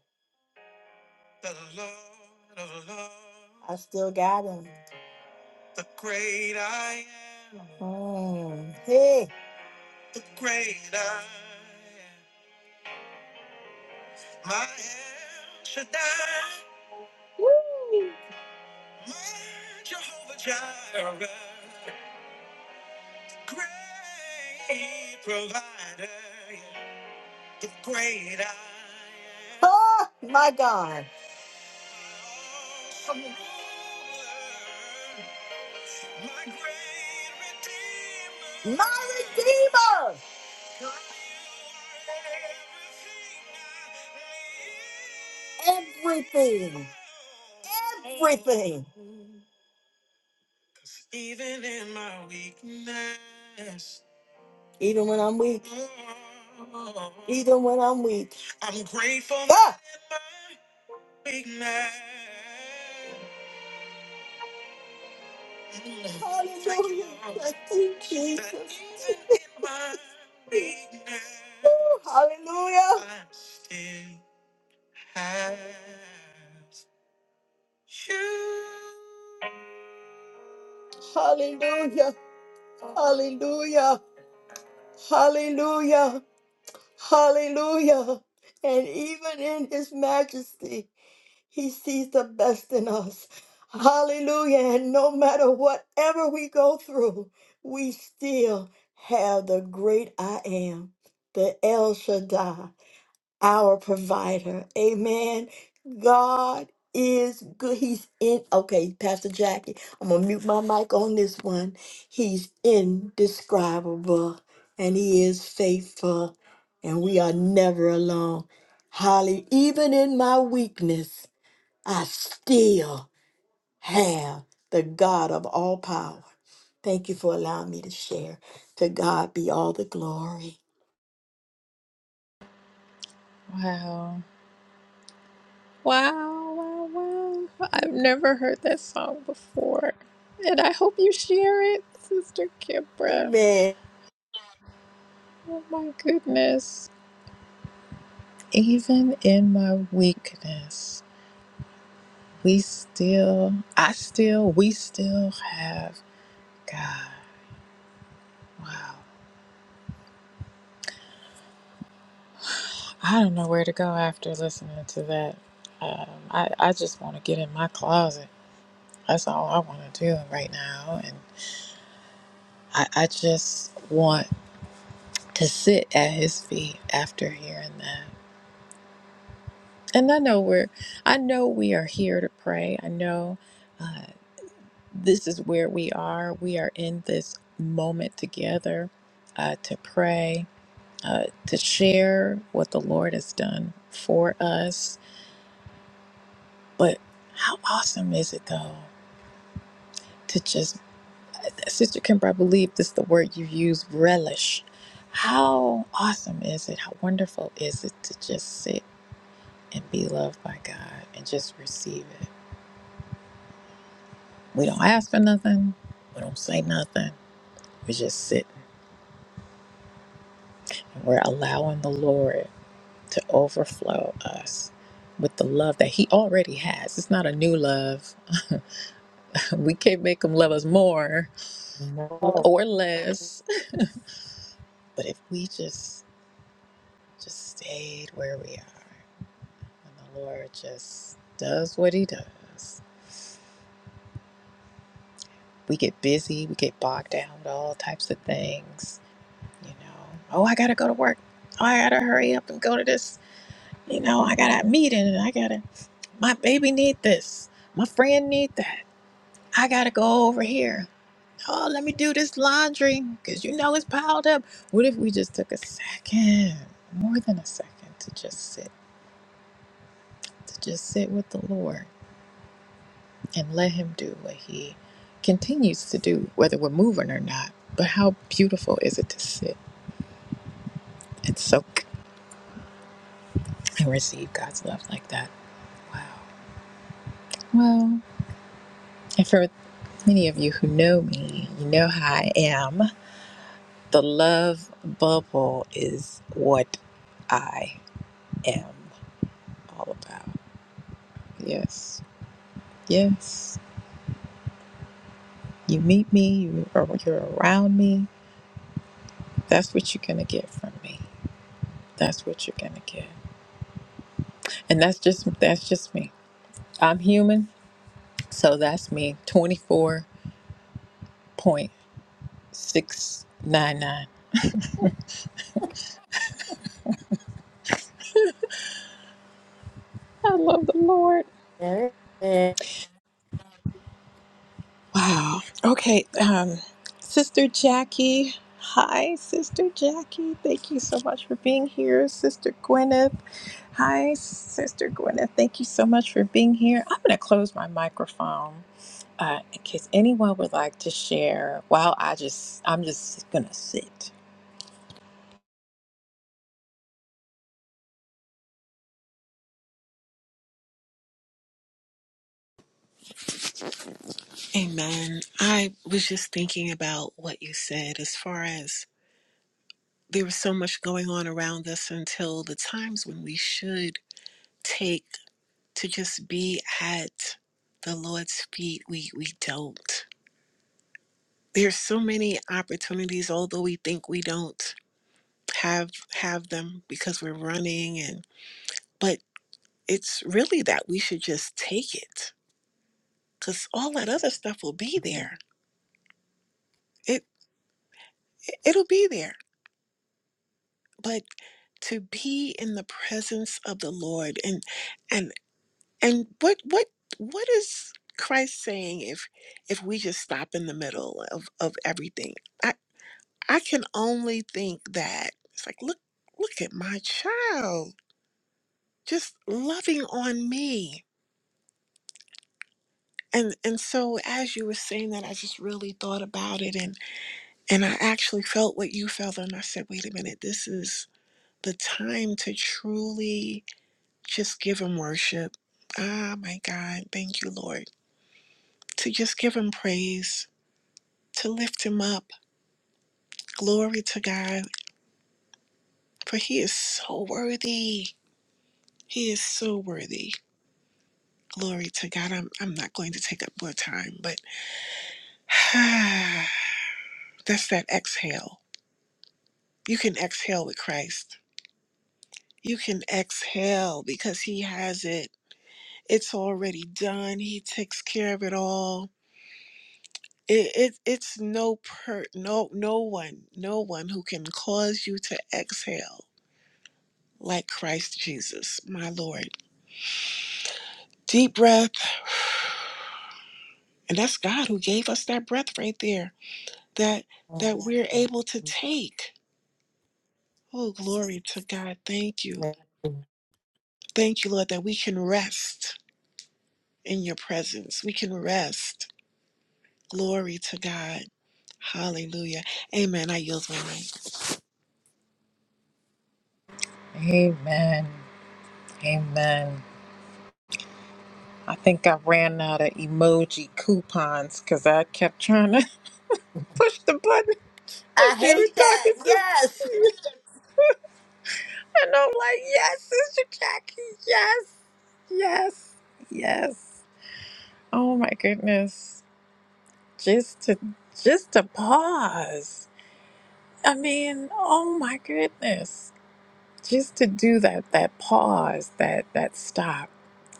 S3: I still got him. Mm. Hey. Oh, my God. My Redeemer. Everything. Everything. Even when I'm weak. Even when I'm weak. Ah! Hallelujah. Thank you, Jesus. Woo, Hallelujah. Hallelujah. Hallelujah. Hallelujah. Hallelujah. And even in his majesty, he sees the best in us. Hallelujah. And no matter whatever we go through, we still have the great I am, the El Shaddai. our provider. Amen. God is good. He's in. Okay, Pastor Jackie, I'm going to mute my mic on this one. He's indescribable and he is faithful, and we are never alone. Holly, even in my weakness, I still have the God of all power. Thank you for allowing me to share. To God be all the glory.
S1: now. Wow. Wow, wow, wow. I've never heard that song before. And I hope you share it, Sister Kimbra.
S3: Amen.
S1: Oh my goodness. Even in my weakness. we still, I still, we still have God. Wow. I don't know where to go after listening to that. Um, I, I just want to get in my closet. That's all I want to do right now. And I, I just want to sit at his feet after hearing that. And I know we're, I know we are here to pray. I know uh, this is where we are. We are in this moment together uh, to pray uh, to share what the Lord has done for us. But how awesome is it, though, to just, Sister Kimber, I believe this is the word you use, relish. How awesome is it? How wonderful is it to just sit and be loved by God and just receive it? We don't ask for nothing, we don't say nothing. We just sit and we're allowing the Lord to overflow us with the love that He already has. It's not a new love We can't make them love us more
S3: No.
S1: or less. But if we just just stayed where we are and the Lord just does what he does. We get busy, we get bogged down with all types of things, you know. Oh, I gotta go to work. Oh, I gotta hurry up and go to this, you know, I got a meeting and I gotta my baby need this. My friend need that. I gotta go over here. Oh, let me do this laundry because you know it's piled up. What if we just took a second, more than a second, to just sit, to just sit with the Lord and let Him do what He continues to do, whether we're moving or not? But how beautiful is it to sit and soak and receive God's love like that? Wow. Well, and for many of you who know me, you know how I am. The love bubble is what I am all about. Yes. Yes. You meet me, you are you're around me. That's what you're gonna get from me. That's what you're gonna get. And that's just that's just me. I'm human, so that's me. Twenty four point six nine nine. I love the Lord.
S3: There it is.
S1: Wow. Okay. Um, Sister Jackie. Hi, Sister Jackie. Thank you so much for being here. Sister Gwyneth. Hi, Sister Gwyneth. Thank you so much for being here. I'm going to close my microphone. Uh, in case anyone would like to share, while I just, I'm just gonna sit.
S5: Amen. I was just thinking about what you said as far as there was so much going on around us until the times when we should take to just be at the Lord's feet, we, we don't. There's so many opportunities, although we think we don't have have them because we're running and but it's really that we should just take it because all that other stuff will be there. It it'll be there but to be in the presence of the Lord and and and what what what is Christ saying if if we just stop in the middle of of everything? I I can only think that it's like look look at my child just loving on me. And and so as you were saying that I just really thought about it and and I actually felt what you felt and I said wait a minute this is the time to truly Just give him worship. Ah, my God. Thank you, Lord. To just give him praise, to lift him up. Glory to God, for he is so worthy. He is so worthy. Glory to God. I'm, I'm not going to take up more time, but that's that exhale. You can exhale with Christ. You can exhale because he has it. It's already done. He takes care of it all. It, it it's no per no no one no one who can cause you to exhale like Christ Jesus, my Lord. Deep breath, and that's God who gave us that breath right there that that we're able to take. Oh, glory to God! Thank you, thank you, Lord, that we can rest in Your presence. We can rest. Glory to God. Hallelujah. Amen. I yield my mic.
S1: Amen. Amen. I think I ran out of emoji coupons because I kept trying to push the button that
S3: I
S1: you
S3: hate
S1: were
S3: that.
S1: talking
S3: Yes.
S1: to. And I'm like, yes, Sister Jackie, yes, yes, yes. Oh my goodness. Just to just to pause. I mean, oh my goodness. Just to do that that pause, that that stop.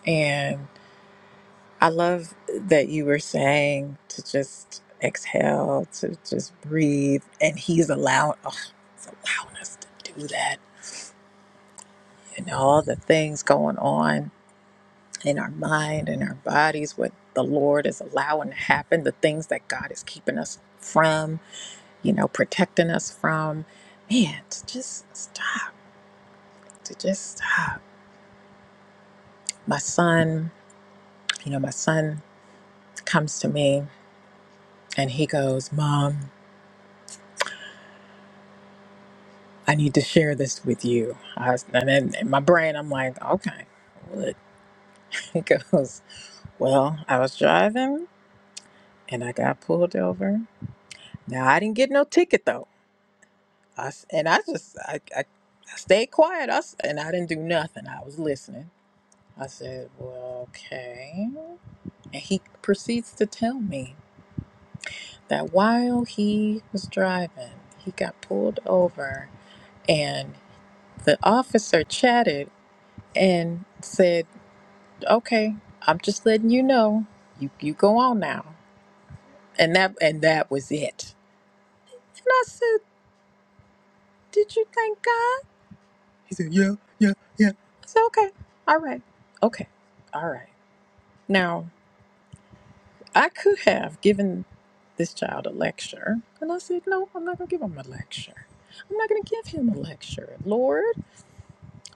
S1: And I love that you were saying to just exhale, to just breathe. And he's allowing, oh, he's allowing us to do that. And all the things going on in our mind and our bodies, what the Lord is allowing to happen, the things that God is keeping us from, you know, protecting us from. Man, to just stop, to just stop. My son, you know, my son comes to me and he goes, Mom, I need to share this with you. I was, and then in my brain, I'm like, okay, what? He goes, Well, I was driving and I got pulled over. Now, I didn't get no ticket though. I s and I just I, I, I stayed quiet. I s and I didn't do nothing. I was listening. I said, "Well, okay." And he proceeds to tell me that while he was driving, he got pulled over, and the officer chatted and said, "Okay, I'm just letting you know. You you go on now." And that and that was it. And I said, "Did you thank God?" I said, "Okay, all right, okay, all right." Now I could have given this child a lecture. And I said, No, I'm not going to give him a lecture. I'm not going to give him a lecture, Lord,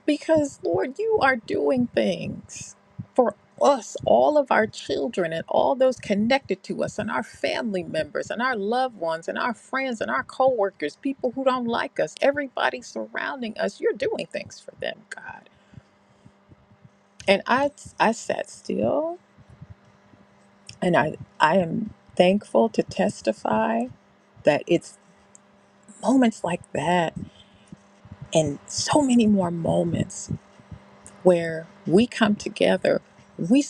S1: because, Lord, you are doing things for us, all of our children, and all those connected to us, and our family members, and our loved ones, and our friends, and our coworkers, people who don't like us, everybody surrounding us. You're doing things for them, God. And I, I sat still, and I, I am thankful to testify. that it's. moments like that and so many more moments where we come together we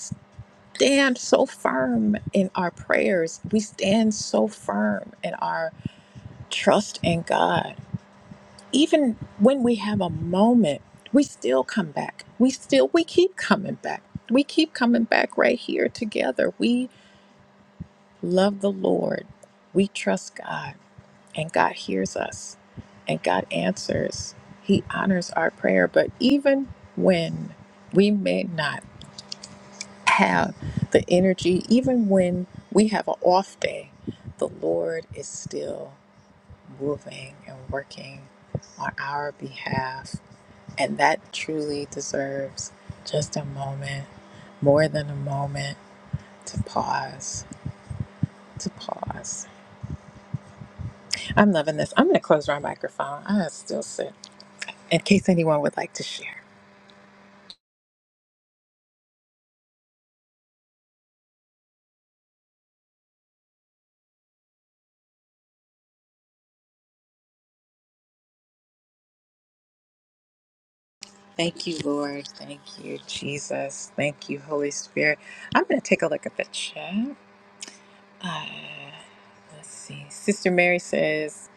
S1: stand so firm in our prayers we stand so firm in our trust in god even when we have a moment we still come back we still we keep coming back we keep coming back right here together we love the lord we trust god and God hears us and God answers. He honors our prayer. But even when we may not have the energy, even when we have an off day, the Lord is still moving and working on our behalf. And that truly deserves just a moment, more than a moment, to pause, to pause. I'm loving this. I'm going to close my microphone. I still sit in case anyone would like to share. Thank you, Lord. Thank you, Jesus. Thank you, Holy Spirit. I'm going to take a look at the chat. Uh, let's see. Sister Mary says,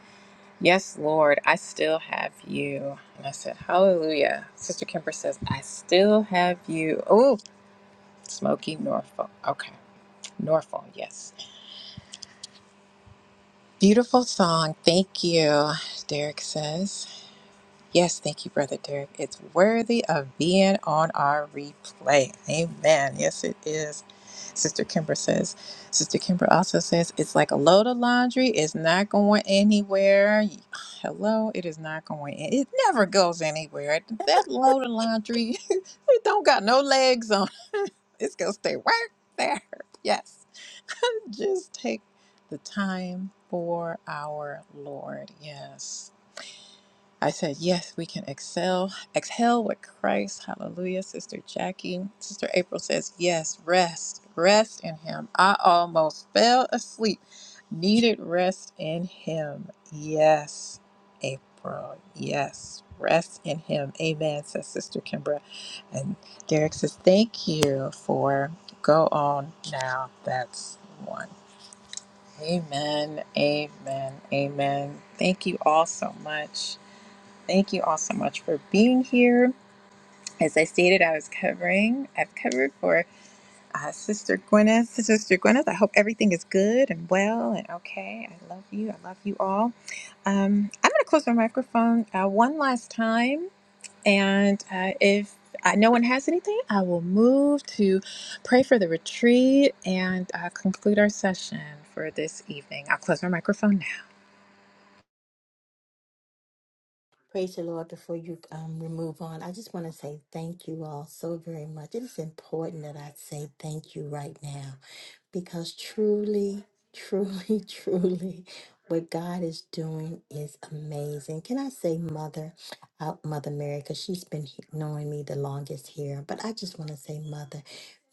S1: Yes, Lord, I still have you. And I said, Hallelujah. Sister Kemper says, I still have you. Oh, Smoky Norfolk. Okay, Norfolk, yes. Beautiful song. Thank you, Derek says. Yes, thank you, Brother Derek. It's worthy of being on our replay. Amen. Yes, it is. Sister Kimber says. Sister Kimber also says it's like a load of laundry. It's not going anywhere. Hello, it is not going. an- It never goes anywhere. That load of laundry, it don't got no legs on. it. It's gonna stay right there. Yes, just take the time for our Lord. Yes. I said, yes, we can excel, exhale with Christ. Hallelujah. Sister Jackie, Sister April says, yes, rest, rest in Him. I almost fell asleep, needed rest in Him. Yes, April, yes, rest in Him. Amen, says Sister Kimbra. And Derek says, thank you for go on now. That's one. Amen, amen, amen. Thank you all so much. Thank you all so much for being here. As I stated, I was covering, I've covered for uh, Sister Gwyneth. Sister Gwyneth, I hope everything is good and well and okay. I love you. I love you all. Um, I'm going to close my microphone uh, one last time. And uh, if uh, no one has anything, I will move to pray for the retreat and uh, conclude our session for this evening. I'll close my microphone now.
S3: Praise the Lord. Before you um we move on, I just want to say thank you all so very much. It is important that I say thank you right now. because truly, truly, truly, what God is doing is amazing. Can I say, Mother, uh, Mother Mary, because she's been he- knowing me the longest here, but I just want to say, Mother,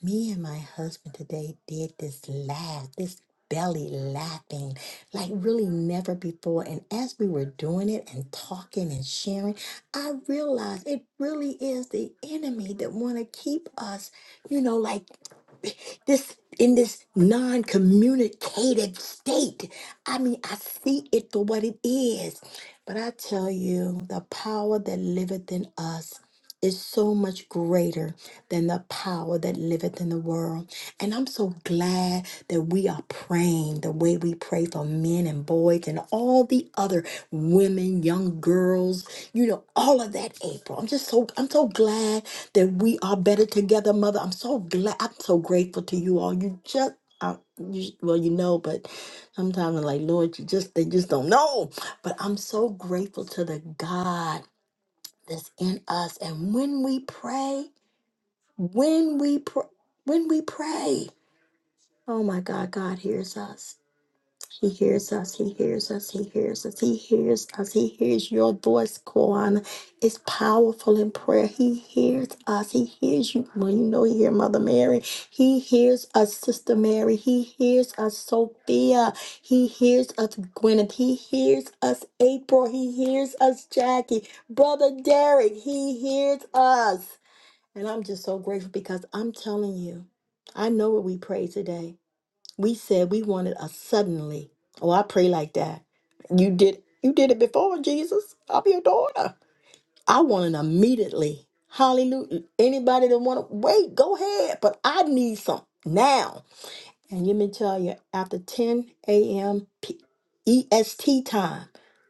S3: me and my husband today did this laugh, this belly laughing like really never before and as we were doing it and talking and sharing i realized it really is the enemy that want to keep us you know like this in this non-communicative state. I mean, I see it for what it is. But I tell you, the power that liveth in us is so much greater than the power that liveth in the world. And I'm so glad that we are praying the way we pray for men and boys and all the other women, young girls, you know, all of that, April. I'm just so I'm so glad that we are better together, Mother. I'm so glad. I'm so grateful to you all. You just, I, you, well, you know, but sometimes I'm like, Lord, you just, they just don't know. But I'm so grateful to the God that's in us. And when we pray, when we pray, when we pray, oh my God, God hears us. He hears us, he hears us, he hears us, he hears us, he hears your voice, Koan. It's powerful in prayer. He hears us, he hears you. Well, you know, he hears Mother Mary, he hears us, Sister Mary, he hears us, Sophia, he hears us, Gwyneth, he hears us, April, he hears us, Jackie, Brother Derek, he hears us. And I'm just so grateful because I'm telling you, I know what we prayed today. We said we wanted a suddenly. Oh, I pray like that. You did you did it before, Jesus. I'm your daughter. I want an immediately. Hallelujah. Anybody that want to wait, go ahead. But I need some now. And let me tell you, after 10 a.m. EST time,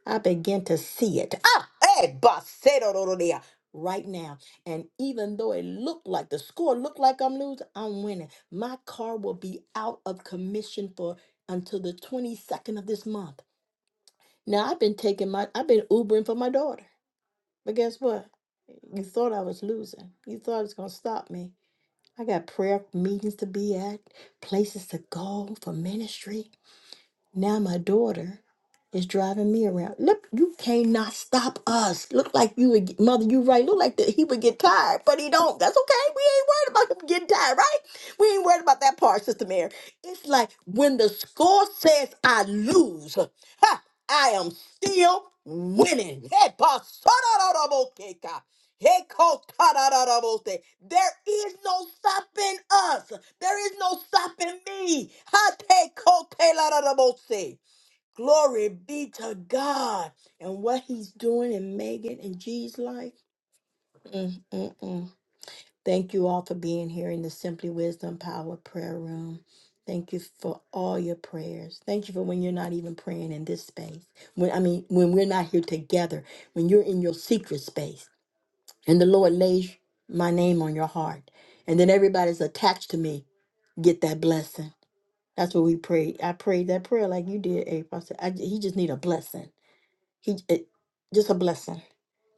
S3: I begin to see it. Ah, hey, basedorororororor, right now. And even though it looked like the score looked like I'm losing, I'm winning. My car will be out of commission for until the 22nd of this month. Now I've been taking my I've been Ubering for my daughter. But guess what? You thought I was losing. You thought it was gonna stop me. I got prayer meetings to be at, places to go for ministry. Now my daughter is driving me around. Look, you cannot stop us. Look like you would, get- mother, you right. Look like that he would get tired, but he don't. That's okay. We ain't worried about him getting tired, right? We ain't worried about that part, Sister Mary. It's like when the score says I lose, ha, I am still winning. Hey, Pastor, Hey, kotarararabote. There is no stopping us. There is no stopping me. Hate kotelararabose. Glory be to God and what He's doing in Megan and G's life. Mm, mm, mm. Thank you all for being here in the Simply Wisdom Power Prayer Room. Thank you for all your prayers. Thank you for when you're not even praying in this space. When I mean, when we're not here together, when you're in your secret space and the Lord lays my name on your heart, and then everybody's attached to me get that blessing. That's what we prayed. I prayed that prayer like you did, April. I said, I, j- he just need a blessing. He it, just a blessing.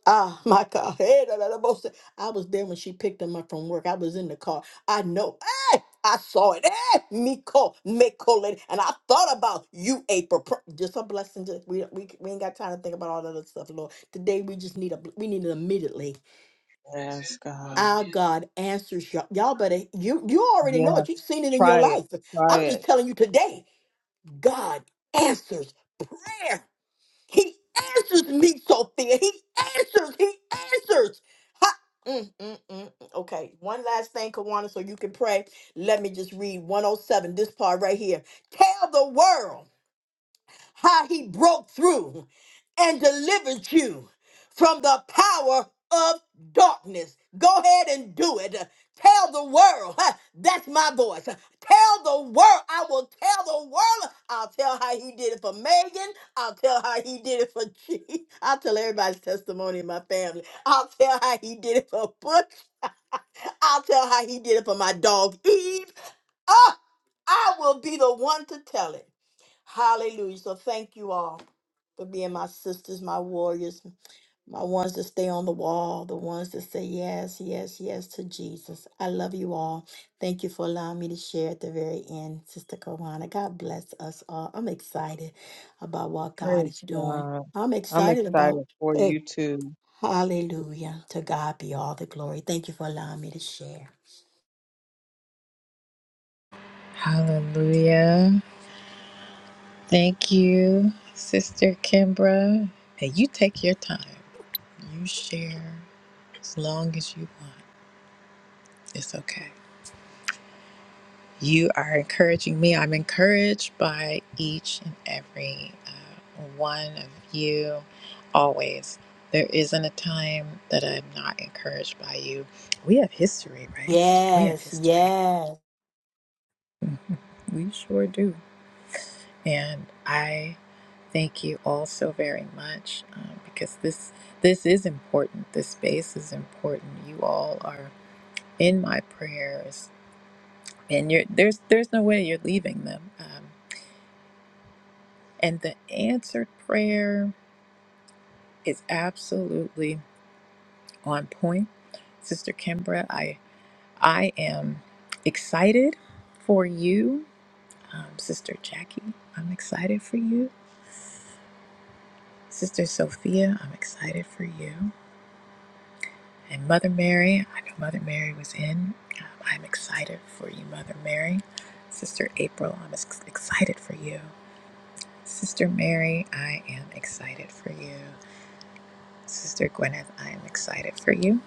S3: Ah, my God. Hey, da, da, da, bo- I was there when she picked him up from work. I was in the car. I know. Hey, I saw it. Hey, Miko, Miko, lady. and I thought about you, April. Pr- Just a blessing. Just, we, we we ain't got time to think about all that other stuff, Lord. Today we just need a bl- we need it immediately
S6: Yes, God.
S3: our God answers y'all. Y'all better you you already know
S6: Yeah,
S3: it. You've seen it in your
S6: try it.
S3: life.
S6: Try
S3: I'm just
S6: it.
S3: telling you today, God answers prayer. He answers me, Sophia. He answers. He answers. Ha- Mm, mm, mm, mm. Okay, one last thing, Kawana, so you can pray. Let me just read 107, this part right here. Tell the world how he broke through and delivered you from the power of darkness. Go ahead and do it. Tell the world, huh, that's my voice. Tell the world, I will tell the world. I'll tell how he did it for Megan. I'll tell how he did it for G. I'll tell everybody's testimony in my family. I'll tell how he did it for Butch. I'll tell how he did it for my dog Eve. Oh, I will be the one to tell it. Hallelujah. So thank you all for being my sisters, my warriors, my ones that stay on the wall, the ones that say yes, yes, yes to Jesus. I love you all. Thank you for allowing me to share at the very end, Sister Kawana. God bless us all. I'm excited about what God is
S6: Praise
S3: doing.
S6: God.
S3: I'm
S6: I'm
S3: excited
S6: excited
S3: about
S6: for
S3: hey,
S6: you too.
S3: hallelujah. To God be all the glory. Thank you for allowing me to share.
S1: Hallelujah. Thank you, Sister Kimbra. And you take your time. You share as long as you want. It's okay. You are encouraging me. I'm encouraged by each and every uh, one of you always. There isn't a time that I'm not encouraged by you. We have history, right? We have
S3: Yes,
S1: history.
S3: yes.
S1: We sure do. And I Thank you all so very much um, because this this is important. This space is important. You all are in my prayers, and you're, there's there's no way you're leaving them. Um, and the answered prayer is absolutely on point, Sister Kimbra. I I am excited for you, um, Sister Jackie. I'm excited for you, Sister Sophia. I'm excited for you. And Mother Mary, I know Mother Mary was in. Um, I'm excited for you, Mother Mary. Sister April, I'm ex- excited for you. Sister Mary, I am excited for you. Sister Gwyneth, I am excited for you.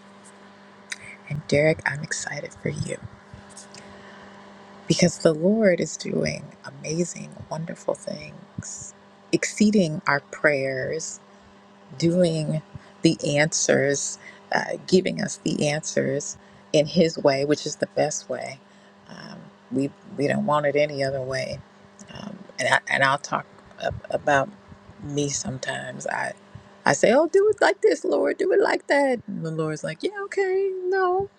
S1: And Derek, I'm excited for you. Because the Lord is doing amazing, wonderful things, exceeding our prayers, doing the answers, uh, giving us the answers in His way, which is the best way. Um, we we don't want it any other way. Um, and I, and I'll talk ab- about me sometimes. I I say, "Oh, do it like this, Lord. Do it like that." And the Lord's like, "Yeah, okay, no,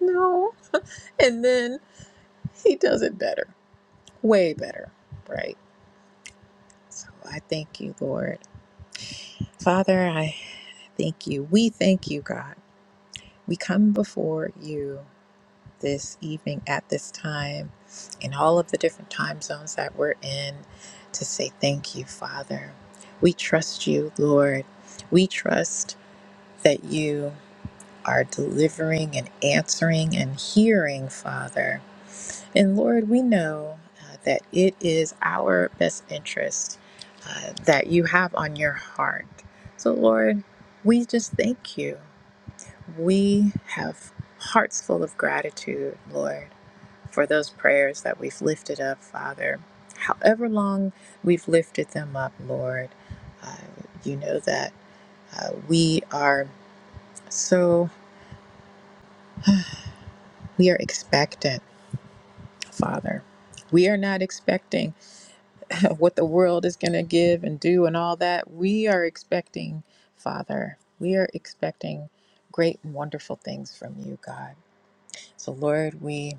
S1: no," and then He does it better, way better, right? So I thank you, Lord, Father. I thank you. We thank you, God We come before you this evening at this time in all of the different time zones that we're in to say thank you, Father. We trust you, Lord. We trust that you are delivering and answering and hearing, Father. And Lord, we know uh, that it is our best interest uh, that you have on your heart. So, Lord, we just thank you. We have hearts full of gratitude, Lord, for those prayers that we've lifted up, Father. However long we've lifted them up, Lord, uh, you know that uh, we are so, we are expectant, Father. We are not expecting what the world is going to give and do and all that. We are expecting, Father, we are expecting great and wonderful things from you, God. So, Lord, we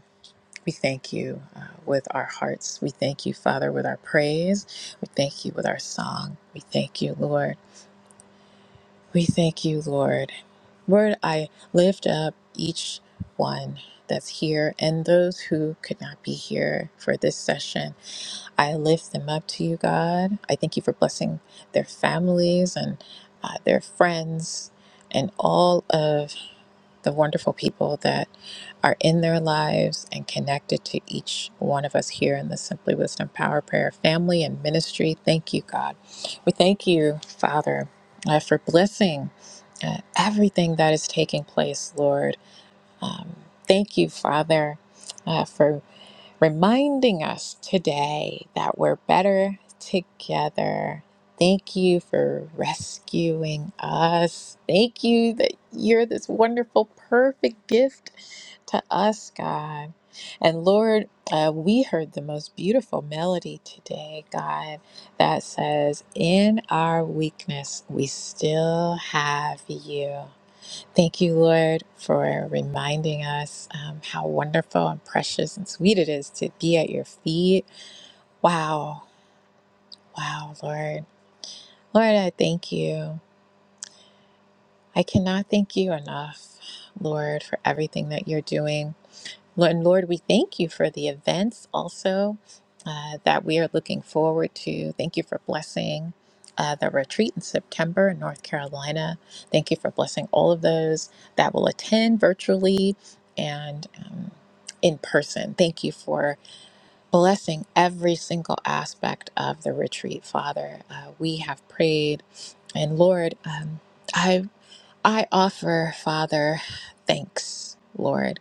S1: We thank you uh, with our hearts. We thank you, Father, with our praise. We thank you with our song. We thank you, Lord. We thank you, Lord. Lord, I lift up each one that's here and those who could not be here for this session. I lift them up to you, God. I thank you for blessing their families and uh, their friends and all of the wonderful people that are in their lives and connected to each one of us here in the Simply Wisdom Power Prayer family and ministry. Thank you, God. We thank you, Father, uh, for blessing uh, everything that is taking place, Lord. Um, thank you, Father. uh, for reminding us today that we're better together. Thank you for rescuing us. Thank you that you're this wonderful, perfect gift to us, God. And Lord, uh, we heard the most beautiful melody today, God, that says, In our weakness, we still have you. Thank you, Lord, for reminding us um, how wonderful and precious and sweet it is to be at your feet. Wow. Wow, Lord. Lord, I thank you. I cannot thank you enough, Lord, for everything that you're doing. Well, And Lord, we thank you for the events also uh, that we are looking forward to. Thank you for blessing uh, the retreat in September in North Carolina. Thank you for blessing all of those that will attend virtually and um, in person. Thank you for blessing every single aspect of the retreat, Father. Uh, we have prayed, and Lord, um, I I offer, Father, thanks, Lord.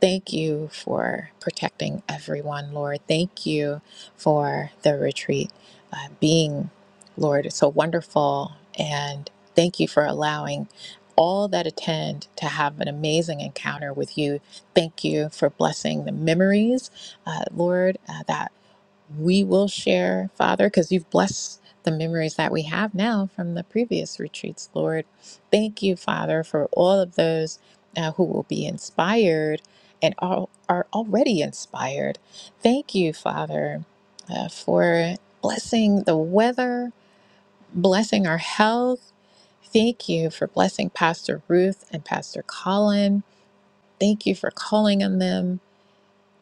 S1: Thank you for protecting everyone, Lord. Thank you for the retreat uh, being, Lord, so wonderful. And thank you for allowing all that attend to have an amazing encounter with you. Thank you for blessing the memories, uh, Lord, uh, that we will share, Father, because you've blessed the memories that we have now from the previous retreats, Lord. Thank you, Father, for all of those uh, who will be inspired and are, are already inspired. Thank you, Father, uh, for blessing the weather, blessing our health. Thank you for blessing Pastor Ruth and Pastor Colin. Thank you for calling on them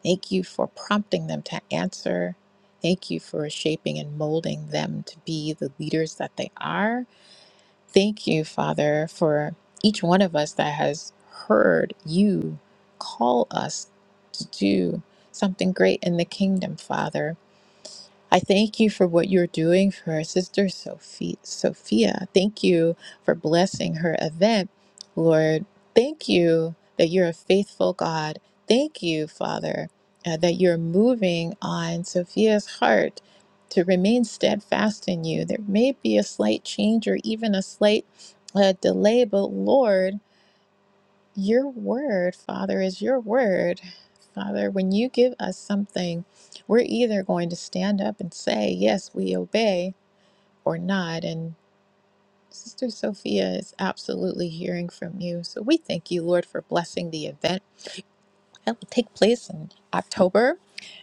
S1: Thank you for prompting them to answer. Thank you for shaping and molding them to be the leaders that they are. Thank you, Father, for each one of us that has heard you call us to do something great in the kingdom, Father. I thank you for what you're doing for our sister Sophie, Sophia. Thank you for blessing her event, Lord. Thank you that you're a faithful God. Thank you, Father, uh, that you're moving on Sophia's heart to remain steadfast in you. There may be a slight change or even a slight uh, delay, but Lord, your word, Father, is your word. Father, when you give us something, we're either going to stand up and say, Yes, we obey, or not. And Sister Sophia is absolutely hearing from you. So we thank you, Lord, for blessing the event that will take place in October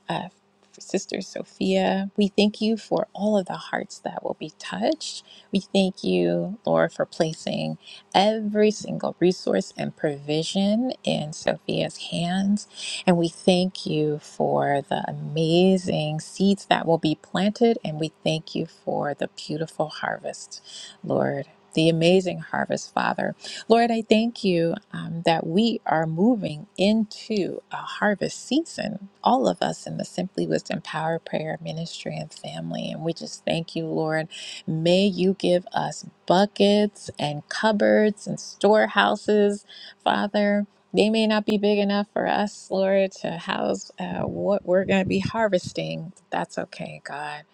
S1: uh, Sister Sophia. We thank you for all of the hearts that will be touched. We thank you, Lord, for placing every single resource and provision in Sophia's hands. And we thank you for the amazing seeds that will be planted. And we thank you for the beautiful harvest, Lord, the amazing harvest, Father. Lord, I thank you um, that we are moving into a harvest season, all of us in the Simply Wisdom Power Prayer Ministry and family. And we just thank you, Lord. May you give us buckets and cupboards and storehouses, Father. They may not be big enough for us, Lord, to house uh, what we're going to be harvesting. That's okay, God.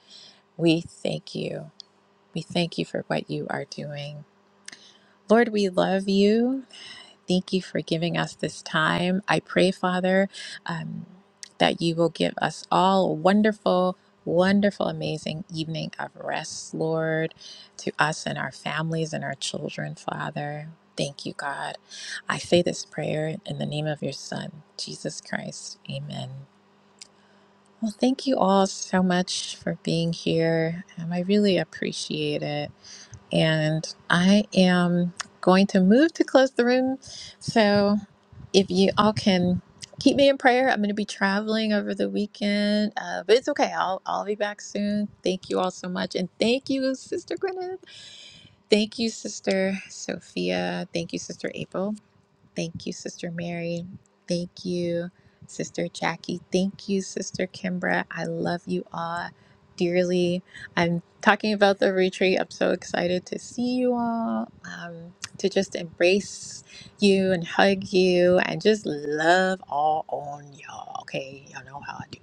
S1: We thank you. We thank you for what you are doing. Lord, we love you. Thank you for giving us this time. I pray, Father, um, that you will give us all a wonderful, wonderful, amazing evening of rest, Lord, to us and our families and our children, Father. Thank you, God. I say this prayer in the name of your Son, Jesus Christ. Amen. Well, thank you all so much for being here. Um, I really appreciate it. And I am going to move to close the room. So, if you all can keep me in prayer, I'm going to be traveling over the weekend, uh, but it's okay. I'll, I'll be back soon. Thank you all so much. And thank you, Sister Gwyneth. Thank you, Sister Sophia. Thank you, Sister April. Thank you, Sister Mary. Thank you, Sister Jackie. Thank you, Sister Kimbra. I love you all dearly. I'm talking about the retreat. I'm so excited to see you all, um, to just embrace you and hug you and just love all on y'all. Okay, y'all know how I do.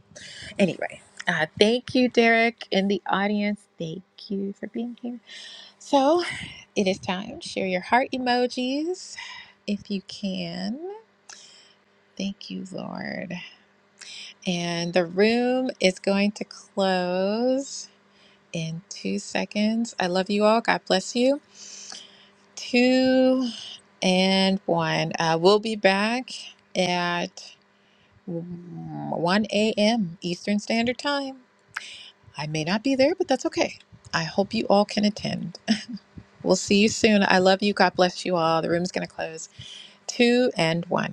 S1: Anyway, uh, thank you, Derek, in the audience. Thank you for being here. So it is time. Share your heart emojis if you can. Thank you, Lord. And the room is going to close in two seconds. I love you all. God bless you. Two and one. Uh, we'll be back at mm, 1 a.m. Eastern Standard Time. I may not be there, but that's okay. I hope you all can attend. We'll see you soon. I love you. God bless you all. The room's going to close two and one.